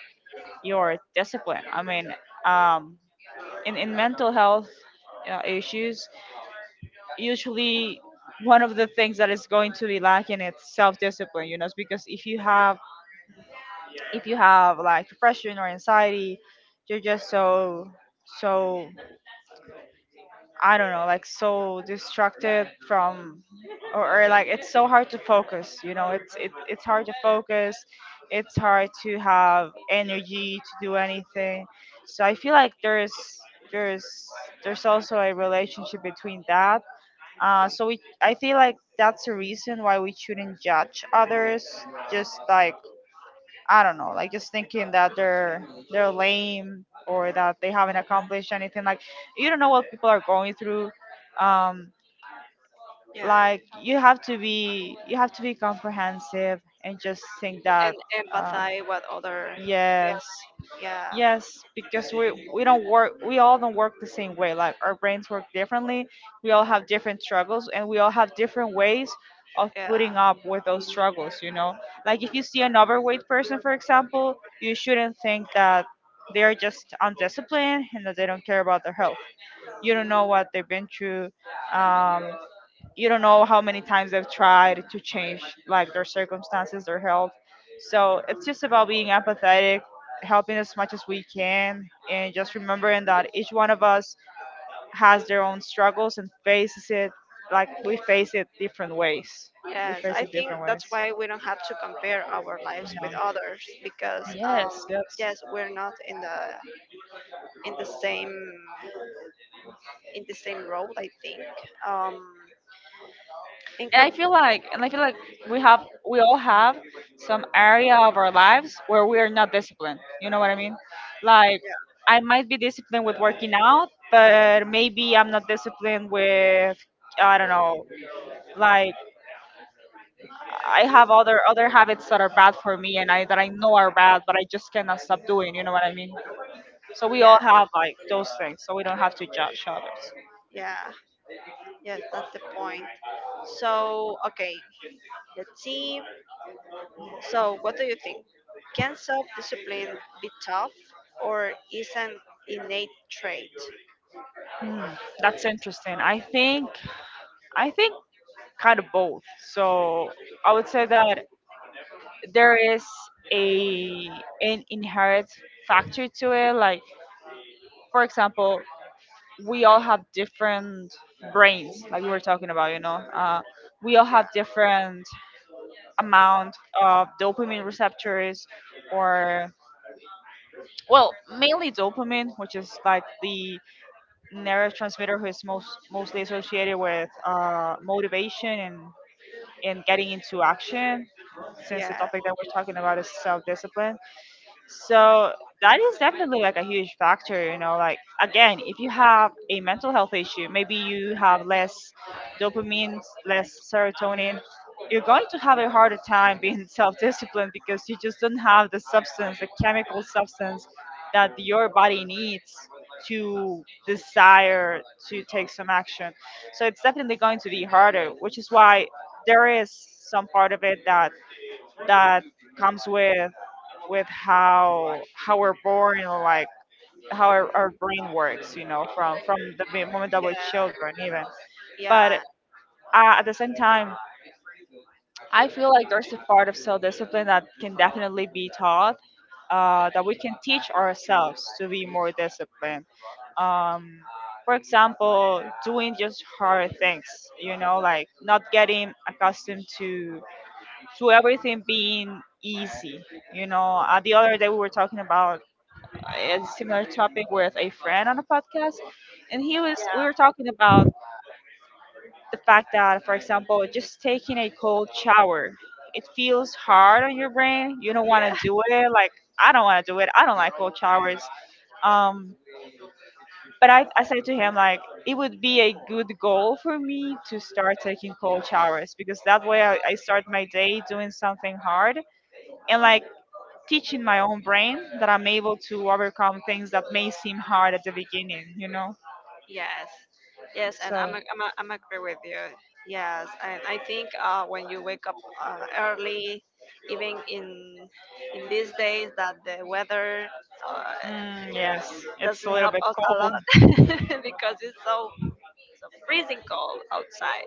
Speaker 2: your discipline? Um in mental health issues, usually one of the things that is going to be lacking is self-discipline. You know, it's because if you have like depression or anxiety, you're just so I don't know, like so distracted from, or like it's so hard to focus. You know, it's hard to focus. It's hard to have energy to do anything. So I feel like there's there's also a relationship between that. So we I feel like that's a reason why we shouldn't judge others. Just like I don't know, like just thinking that they're lame or that they haven't accomplished anything. Like you don't know what people are going through. Um,
Speaker 1: yeah,
Speaker 2: like you have to be comprehensive and just think that
Speaker 1: and
Speaker 2: uh,
Speaker 1: empathize what others
Speaker 2: yes.
Speaker 1: feel. Yeah,
Speaker 2: Yes, because we all don't work the same way. Like our brains work differently. We all have different struggles and we all have different ways of
Speaker 1: yeah.
Speaker 2: putting up with those struggles, you know? Like if you see an overweight person, for example, you shouldn't think that they're just undisciplined and that they don't care about their health. You don't know what they've been through. Um, you don't know how many times they've tried to change like their circumstances, their health. So it's just about being empathetic, helping as much as we can, and just remembering that each one of us has their own struggles and faces it like we face it different ways. We
Speaker 1: Yes,
Speaker 2: face
Speaker 1: I
Speaker 2: it
Speaker 1: think
Speaker 2: different
Speaker 1: that's
Speaker 2: ways.
Speaker 1: why we don't have to compare our lives with
Speaker 2: Yeah.
Speaker 1: others because
Speaker 2: Yes, yes.
Speaker 1: yes, we're not in the same in the same road, I think. Um, in com-
Speaker 2: And I feel like we have we all have some area of our lives where we are not disciplined. You know what I mean? Like
Speaker 1: yeah,
Speaker 2: I might be disciplined with working out, but maybe I'm not disciplined with I don't know. Like I have other habits that are bad for me and I know are bad, but I just cannot stop doing. You know what I mean? So we
Speaker 1: yeah,
Speaker 2: all have like those things, so we don't have to judge others.
Speaker 1: yeah. Yes, that's the point. So, okay, let's see. So what do you think? Can self-discipline be tough, or is an innate trait?
Speaker 2: Hmm, that's interesting. I think kind of both. So I would say that there is a an inherent factor to it. Like, for example, we all have different brains, like we were talking about. You know, we all
Speaker 1: Yeah,
Speaker 2: have different amount of dopamine receptors, or well, mainly dopamine, which is like the neurotransmitter who is mostly associated with motivation and getting into action, since the
Speaker 1: yeah,
Speaker 2: topic that we're talking about is self-discipline. So that is definitely like a huge factor, you know. Like again, if you have a mental health issue, maybe you have less dopamine, less serotonin, you're going to have a harder time being self-disciplined because you just don't have the substance, the chemical substance that your body needs to desire to take some action. So it's definitely going to be harder, which is why there is some part of it that comes with how we're born, or like how our brain works, you know, from the moment that we're
Speaker 1: yeah,
Speaker 2: children even. But
Speaker 1: yeah,
Speaker 2: at the same time, I feel like there's a part of self-discipline that can definitely be taught, that we can teach ourselves to be more disciplined. um, for example, doing just hard things, you know, like not getting accustomed to everything being easy. You know, the other day we were talking about a similar topic with a friend on a podcast, and he was we were talking about the fact that, for example, just taking a cold shower, it feels hard on your brain. You don't want to
Speaker 1: yeah.
Speaker 2: do it. Like I don't want to do it. I don't like cold showers. Um, but I said to him like it would be a good goal for me to start taking cold showers, because that way I start my day doing something hard, and like teaching my own brain that I'm able to overcome things that may seem hard at the beginning, you know?
Speaker 1: Yes, yes, and
Speaker 2: So,
Speaker 1: I'm agree with you. Yes, and I think, when you wake up early, even in these days that the weather uh,
Speaker 2: mm, yes, it's a
Speaker 1: doesn't
Speaker 2: little
Speaker 1: help
Speaker 2: bit
Speaker 1: us a lot,
Speaker 2: cold.
Speaker 1: because it's so freezing cold outside.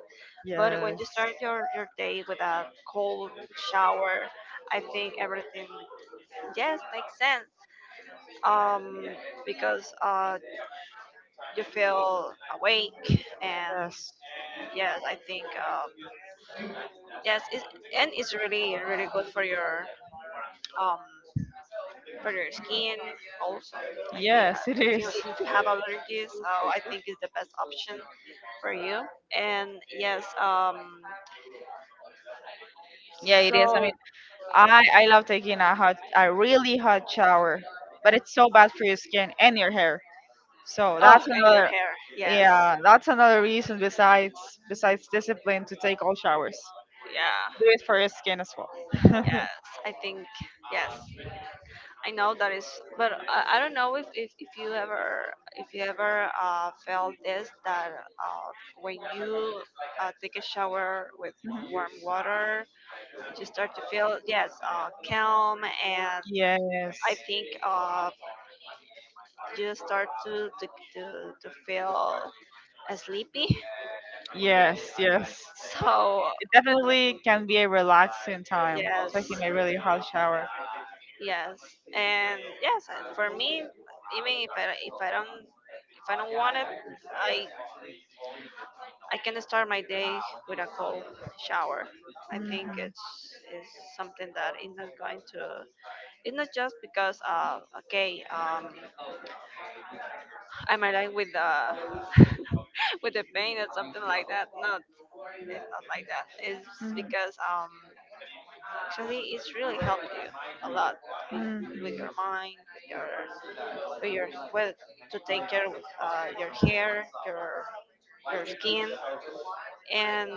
Speaker 1: But when
Speaker 2: Yes,
Speaker 1: you start your day with a cold shower, I think everything, yes, makes sense. Um, because you feel awake and,
Speaker 2: yes,
Speaker 1: yes, I think, yes, it, and it's really really good for um your skin also. I think
Speaker 2: yes, it
Speaker 1: if you
Speaker 2: is.
Speaker 1: if you have allergies, I think it's the best option for you. And yes,
Speaker 2: Yeah, it is. I
Speaker 1: so,
Speaker 2: mean, I love taking a a really hot shower, but it's so bad for your skin and your hair. So
Speaker 1: oh,
Speaker 2: that's
Speaker 1: and your
Speaker 2: another,
Speaker 1: hair. Yes,
Speaker 2: yeah, that's another reason besides, besides discipline to take all showers.
Speaker 1: yeah,
Speaker 2: Do it for your skin as well.
Speaker 1: yes. I think, yes. I know that is, but I don't know if you ever felt this, that uh, when you take a shower with
Speaker 2: Mhm.
Speaker 1: warm water, you start to feel, yes, calm, and
Speaker 2: Yes.
Speaker 1: I think you start to feel sleepy.
Speaker 2: Yes, yes.
Speaker 1: So
Speaker 2: It definitely can be a relaxing time, taking
Speaker 1: yes,
Speaker 2: a really hot shower.
Speaker 1: yes, and yes, for me, even if I don't want it, I I can start my day with a cold shower. I think it's is something that is not going to. It's not just because I'm alive with with the pain or something like that. No, it's not like that. It's
Speaker 2: Mhm.
Speaker 1: because actually it's really helped you a lot, with, with your mind, with your well, to take care of your hair, your skin, and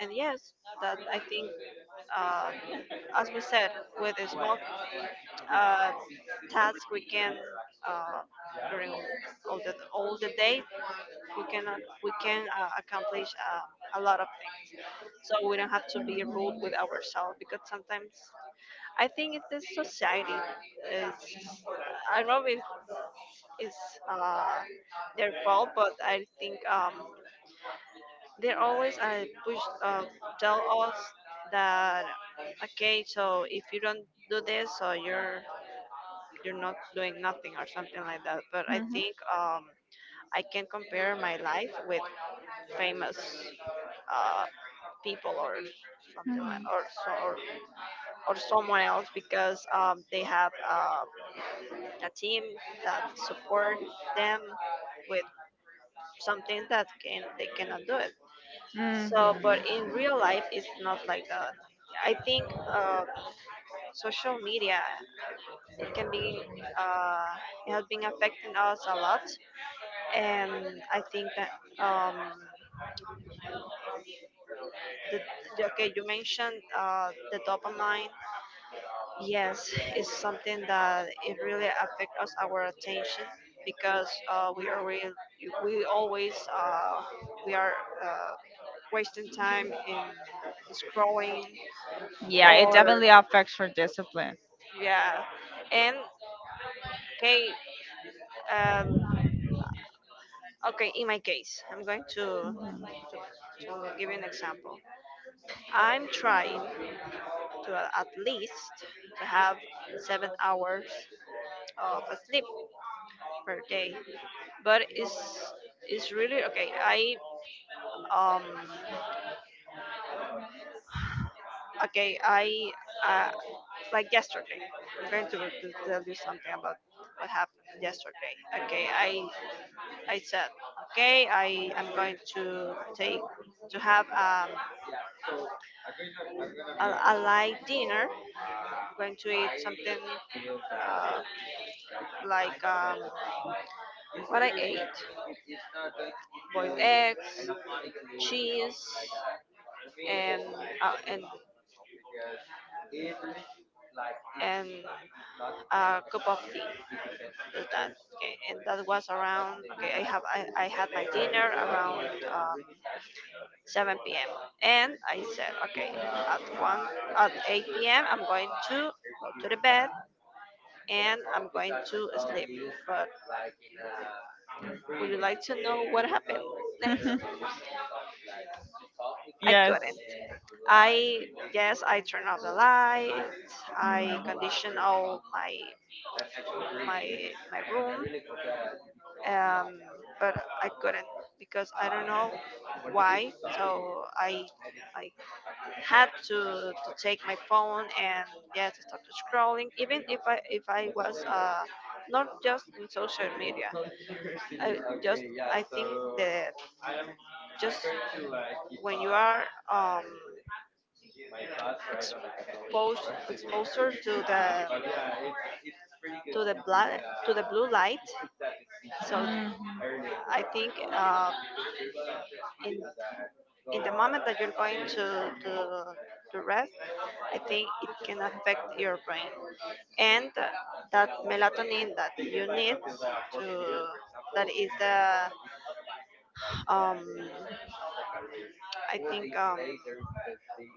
Speaker 1: and yes, that I think, uh, as we said, with a small uh, task we can uh, during all the day we can we can accomplish a lot of things. So we don't have to be rude with ourselves, because sometimes I think it's the society, is, I don't know if it's their fault, but I think they always push, tell us that, okay, so if you don't do this, so you're not doing nothing or something like that. But
Speaker 2: Mm.
Speaker 1: I
Speaker 2: Mhm.
Speaker 1: think I can compare my life with famous uh, people or something like
Speaker 2: Mhm.
Speaker 1: or so, or someone else, because they have a team that support them with something that can they cannot do it. So,
Speaker 2: Mhm.
Speaker 1: but in real life, it's not like that. I think uh, social media, it can be, uh, it has been affecting us a lot, and I think that the, okay, you mentioned the dopamine. Yes, it's something that it really affects us, our attention, because we always we are uh, wasting time in scrolling,
Speaker 2: Yeah, it
Speaker 1: or
Speaker 2: definitely affects your discipline.
Speaker 1: yeah. And, okay, um, okay. In my case, I'm going
Speaker 2: Mhm.
Speaker 1: to to give you an example. I'm trying at least to have 7 hours of a sleep per day, but it's really, okay. I um okay. I uh, like yesterday. I'm going to tell you something about what happened yesterday. Okay, I said, okay, I am going to have a, a light dinner. I'm going to eat something uh, like, what I ate: boiled eggs, cheese, and uh, and and a cup of tea. Just that. Okay, and that was around. Okay, I had my dinner around 7 p.m., and I said, okay, at one at 8 p.m. I'm going to go to the bed and I'm going to sleep. But would you like to know what happened next? I couldn't. I yes, I turned off the light. I conditioned all my room, um, but I couldn't because I don't know why. So I had to take my phone, and, yes, I started scrolling. Even if I was not just in social media. I just, I think, the, just when you are um, exposed exposure to the blood to the blue light, so
Speaker 2: Mm.
Speaker 1: I think, in in the moment that you're going to rest, I think it can affect your brain, and that melatonin that you need to, that is the, um I think,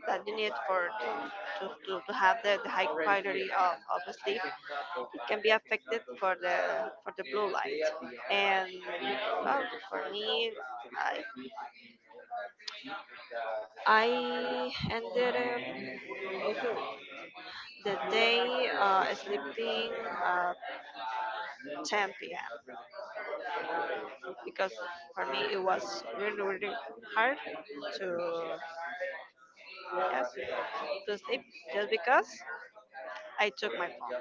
Speaker 1: that you need for to to have the high quality of sleep. It can be affected for the blue light, and, well, for me, i I ended up the day sleeping at 10 p.m, because for me it was really really hard to, yes, to sleep, just because I took my phone.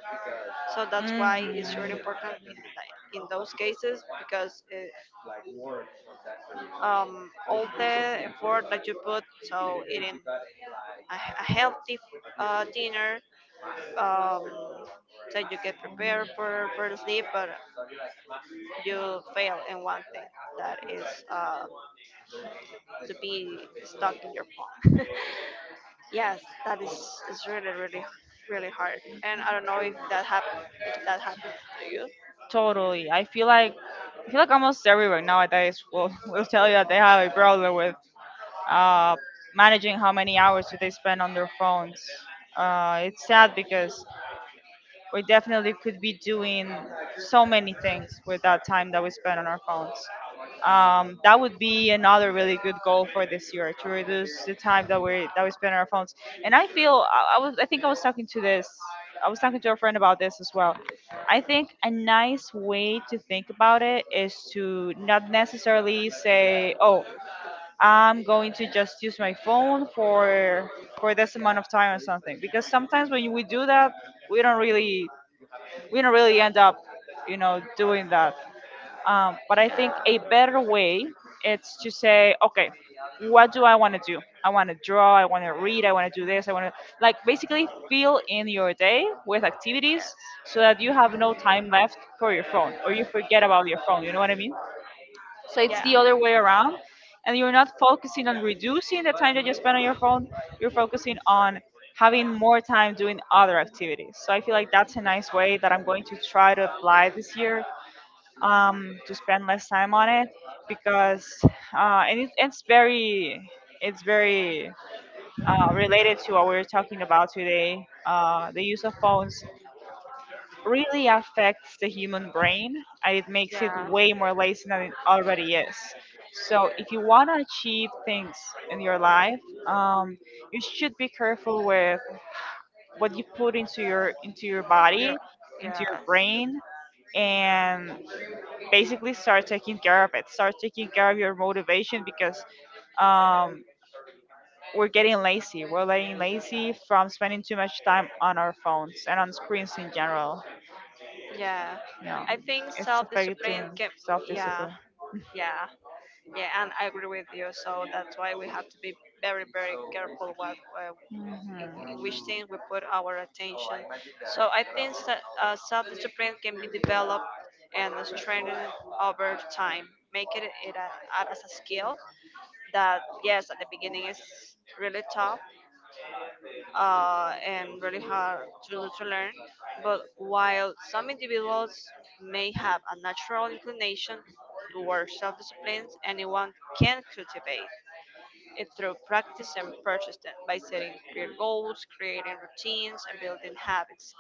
Speaker 1: So that's why it's really
Speaker 2: Mm-hmm.
Speaker 1: important, in those cases, because it, all the effort that you put so it in a healthy dinner, um, that you get prepared for the sleep, but you fail in one thing, that is to be stuck in your phone. Yes, that is really, really, really hard. And I don't know if that happened to you.
Speaker 2: Totally. I feel like almost everyone nowadays will will tell you that they have a problem with uh, managing how many hours do they spend on their phones. It's sad because we definitely could be doing so many things with that time that we spend on our phones. That would be another really good goal for this year, to reduce the time that we spend on our phones. And I feel I think I was talking to this I was talking to a friend about this as well. I think a nice way to think about it is to not necessarily say, oh, I'm going to just use my phone for this amount of time or something, because sometimes when we do that we don't really we don't really end up, you know, doing that. But I think a
Speaker 1: Um,
Speaker 2: better way is to say, okay, what do I want to do? I want to draw. I want to read. I want to do this. I want to like basically fill in your day with activities so that you have no time left for your phone, or you forget about your phone. You know what I mean? So it's
Speaker 1: yeah,
Speaker 2: the other way around. And you're not focusing on reducing the time that you spend on your phone. You're focusing on having more time doing other activities. So I feel like that's a nice way that I'm going to try to apply this year, to spend less time on it, because and it's very related to what we are talking about today. The use of phones really affects the human brain and it makes it
Speaker 1: yeah,
Speaker 2: way more lazy than it already is. So if you want to achieve things in your life, um, you should be careful with what you put into your
Speaker 1: you're,
Speaker 2: body, into
Speaker 1: yeah,
Speaker 2: your brain, and basically start taking care of your motivation. Because um, we're getting lazy from spending too much time on our phones and on screens in general.
Speaker 1: yeah.
Speaker 2: You know,
Speaker 1: I think
Speaker 2: it's
Speaker 1: self discipline
Speaker 2: affecting
Speaker 1: can, yeah,
Speaker 2: self-discipline.
Speaker 1: yeah. Yeah, and I agree with you. So that's why we have to be very, very careful what in, in which things we
Speaker 2: Hmm,
Speaker 1: put our attention. So I think that self-discipline can be developed and strengthened over time. Make as a skill that, yes, at the beginning is really tough, and really hard to learn. But while some individuals may have a natural inclination towards self-discipline, anyone can cultivate it through practice and persistence. By setting clear goals, creating routines, and building habits,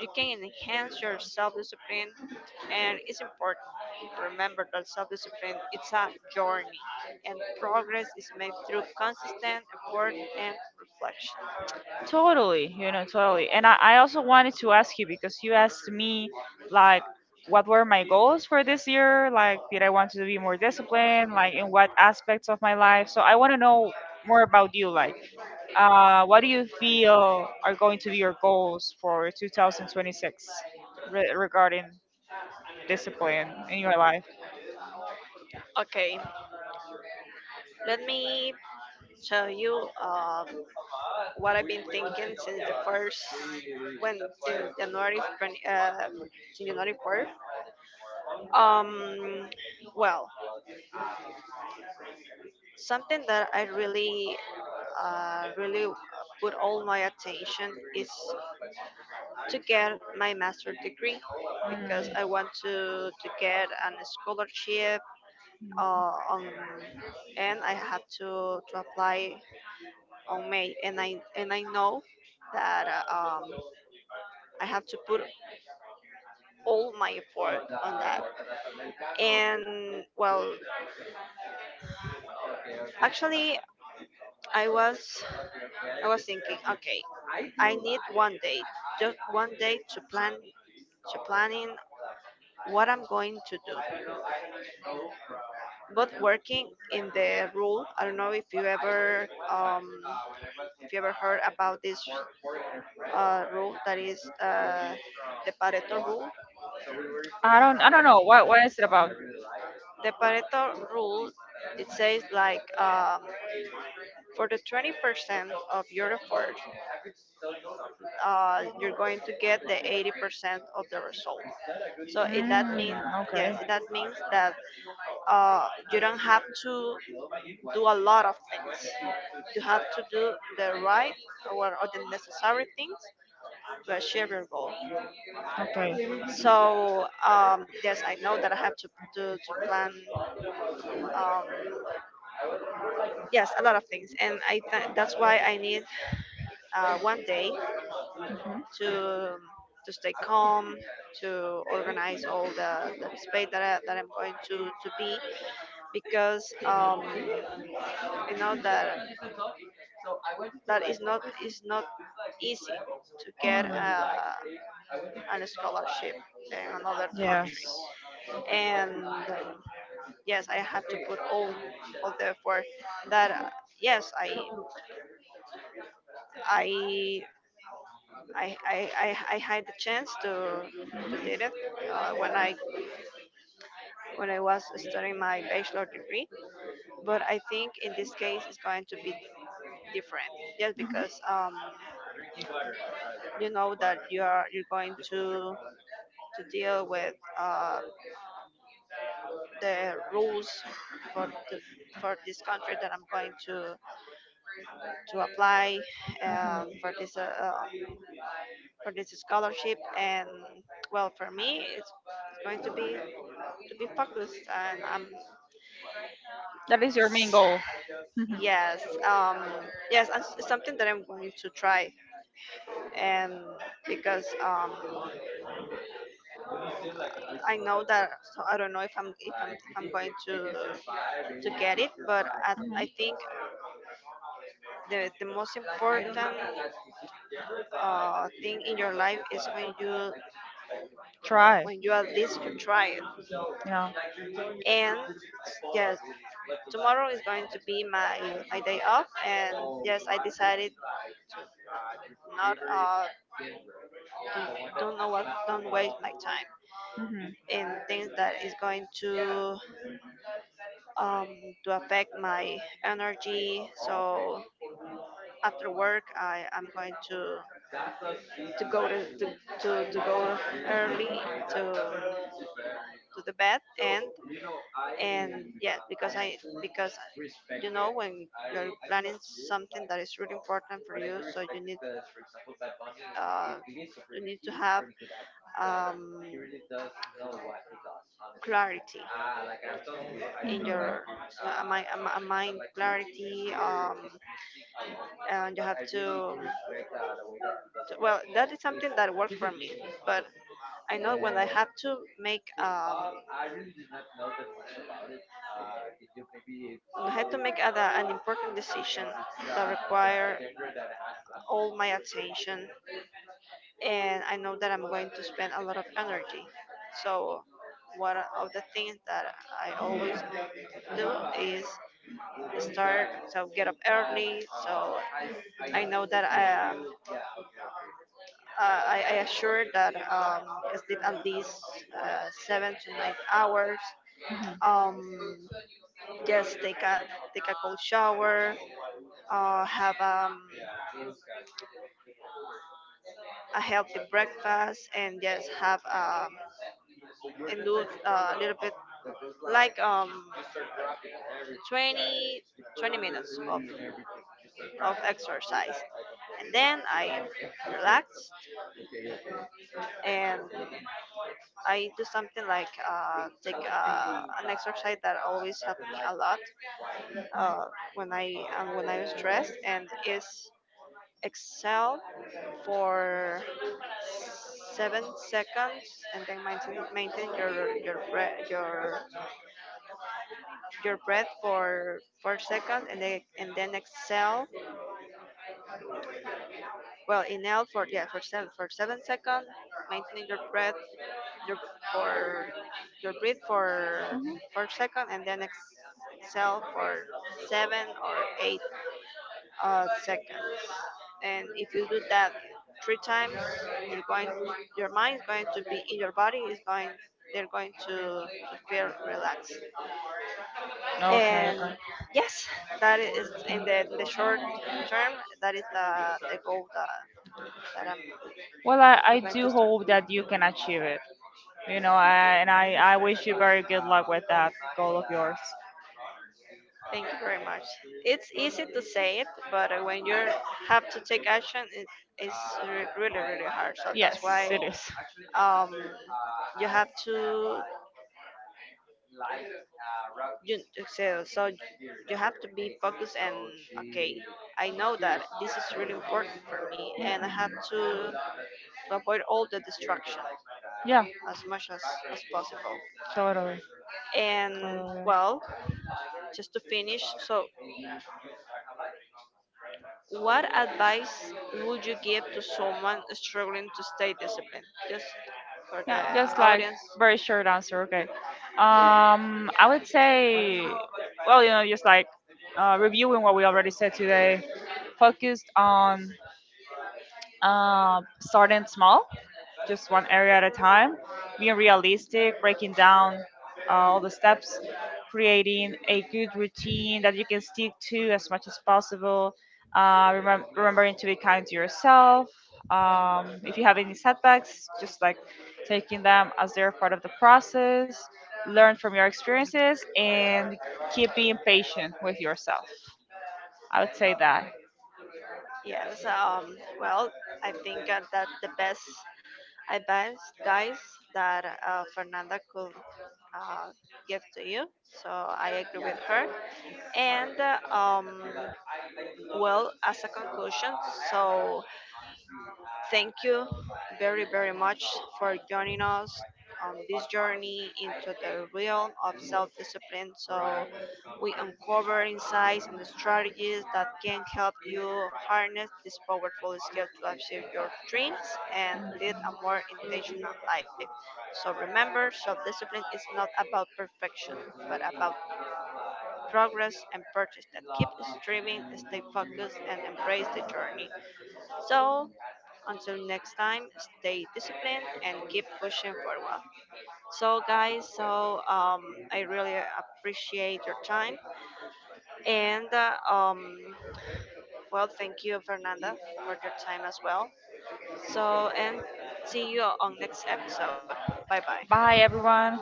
Speaker 1: you can enhance your self-discipline, and it's important to remember that self-discipline is a journey, and progress is made through consistent effort and reflection.
Speaker 2: totally, you know, totally. And I also wanted to ask you because you asked me like what were my goals for this year, like, did I want to be more disciplined, like, in what aspects of my life? So I want to know more about you. Like, what do you feel are going to be your goals for 2026, regarding discipline in your life?
Speaker 1: Okay, let me tell you what I've been thinking since the first, when, since January 20, since January 4th. Um, well, something that I really uh, really uh, put all my attention is to get my master degree, because
Speaker 2: Mm.
Speaker 1: I want to get an scholarship uh, on, and I had to apply on May, and I know that I have to put all my effort on that. And, well, actually, I was I was thinking, okay, I need one day, just one day to plan to planning what I'm going to do. But working in the rule, I don't know if you ever heard about this rule that is the Pareto rule.
Speaker 2: I don't know what is it about?
Speaker 1: The Pareto rule, it says like, for the 20% of your effort, you're going to get the 80% of the result. So that
Speaker 2: Mm,
Speaker 1: means,
Speaker 2: okay.
Speaker 1: yes, that means that you don't have to do a lot of things. You have to do the right, or the necessary things to achieve your goal.
Speaker 2: Okay.
Speaker 1: So yes, I know that I have to plan, um, yes, a lot of things, and that's why I need one day to, um, to stay calm, to organize all the space that I'm going to be, because I know that that is not easy to get
Speaker 2: Mm,
Speaker 1: an scholarship in another
Speaker 2: yes.
Speaker 1: country, and yes, I have to put all the effort that, yes, I I had the chance to did it when I was studying my bachelor degree. But I think in this case it's going to be different, just
Speaker 2: Mhm.
Speaker 1: because you know that you're going to deal with the rules for for this country that I'm going to apply, um, for this uh, um, for this scholarship, and, well, for me, it's going to be focused, and
Speaker 2: That is your main goal. Mhm,
Speaker 1: yes, yes, and something that I'm going to try. And because I know that, so I don't know if I'm going to get it, but I
Speaker 2: mhm.
Speaker 1: think the most important thing in your life is when you,
Speaker 2: Try.
Speaker 1: at least you try it.
Speaker 2: Yeah.
Speaker 1: And
Speaker 2: Mhm.
Speaker 1: yes, tomorrow is going to be my day off, and yes, I decided to not to don't know what don't waste my time in things that is going um, to affect my energy. So after work, I am going to go to go early to to the bed and yeah, because I because when you're planning something that is really important for you, so uh, you need to have um, clarity in your uh, mind, mind clarity. And you have to, well, that is something that worked for me, but I know when I had to make an important decision that require all my attention, and I know that I'm going to spend a lot of energy. So one of the things that I always do is start so get up early. So I know that I assure that I sleep at least 7 to 9 hours. Um, Just take a cold shower, have a healthy breakfast, and just have, and do a little bit like 20 20 minutes of exercise, and then I relax, and I do something like take an exercise that always helped me a lot, uh, when I was stressed, and is Excel for 7 seconds, and then maintain your breath for 4 seconds, and then exhale. Well, inhale for, yeah, for 7 seconds, maintaining your for your breath for 4 seconds, and then exhale for 7 or 8 seconds. And if you do that three times, you're going, your mind's going to be, in your body is going, they're going to,
Speaker 2: Mhm.
Speaker 1: to feel relaxed.
Speaker 2: Okay,
Speaker 1: And
Speaker 2: okay.
Speaker 1: yes, that is in the short term. That is the goal that I'm
Speaker 2: Well, I
Speaker 1: going to
Speaker 2: do
Speaker 1: start.
Speaker 2: hope that you can achieve it. You know, I wish you very good luck with that goal of yours.
Speaker 1: Thank you very much. It's easy to say it, but when you have to take action, it's really, really hard. So that's
Speaker 2: Yes,
Speaker 1: why,
Speaker 2: it is.
Speaker 1: um,
Speaker 2: Mhm.
Speaker 1: you have to, you so you have to be focused. And okay, I know that this is really important for me, and I have to avoid all the distractions
Speaker 2: Yeah,
Speaker 1: as much as possible.
Speaker 2: totally.
Speaker 1: And,
Speaker 2: Totally.
Speaker 1: well, just to finish, so what advice would you give to someone struggling to stay disciplined, just for the
Speaker 2: Yeah, just like
Speaker 1: audience?
Speaker 2: very short answer. Okay. I would say, well, you know, just like reviewing what we already said today, focused on starting small, just one area at a time, being realistic, breaking down all the steps, creating a good routine that you can stick to as much as possible, remembering to be kind to yourself. If you have any setbacks, just like taking them as they're part of the process, learn from your experiences, and keep being patient with yourself. I would say that.
Speaker 1: Yes, well, I think that the best advice, guys, that Fernanda could uh, give to you. So I agree with her. And well, as a conclusion, so thank you very, very much for joining us on this journey into the realm of self discipline. So, we uncover insights and strategies that can help you harness this powerful skill to achieve your dreams and lead a
Speaker 2: Mhm.
Speaker 1: more intentional life. So, remember, self discipline is not about perfection, but about progress and purchase that keep striving, stay focused, and embrace the journey. So, until next time, stay disciplined and keep pushing forward. So, guys, so I really appreciate your time. And, well, thank you, Fernanda, for your time as well. So, and see you on next episode. Bye bye.
Speaker 2: Bye, everyone.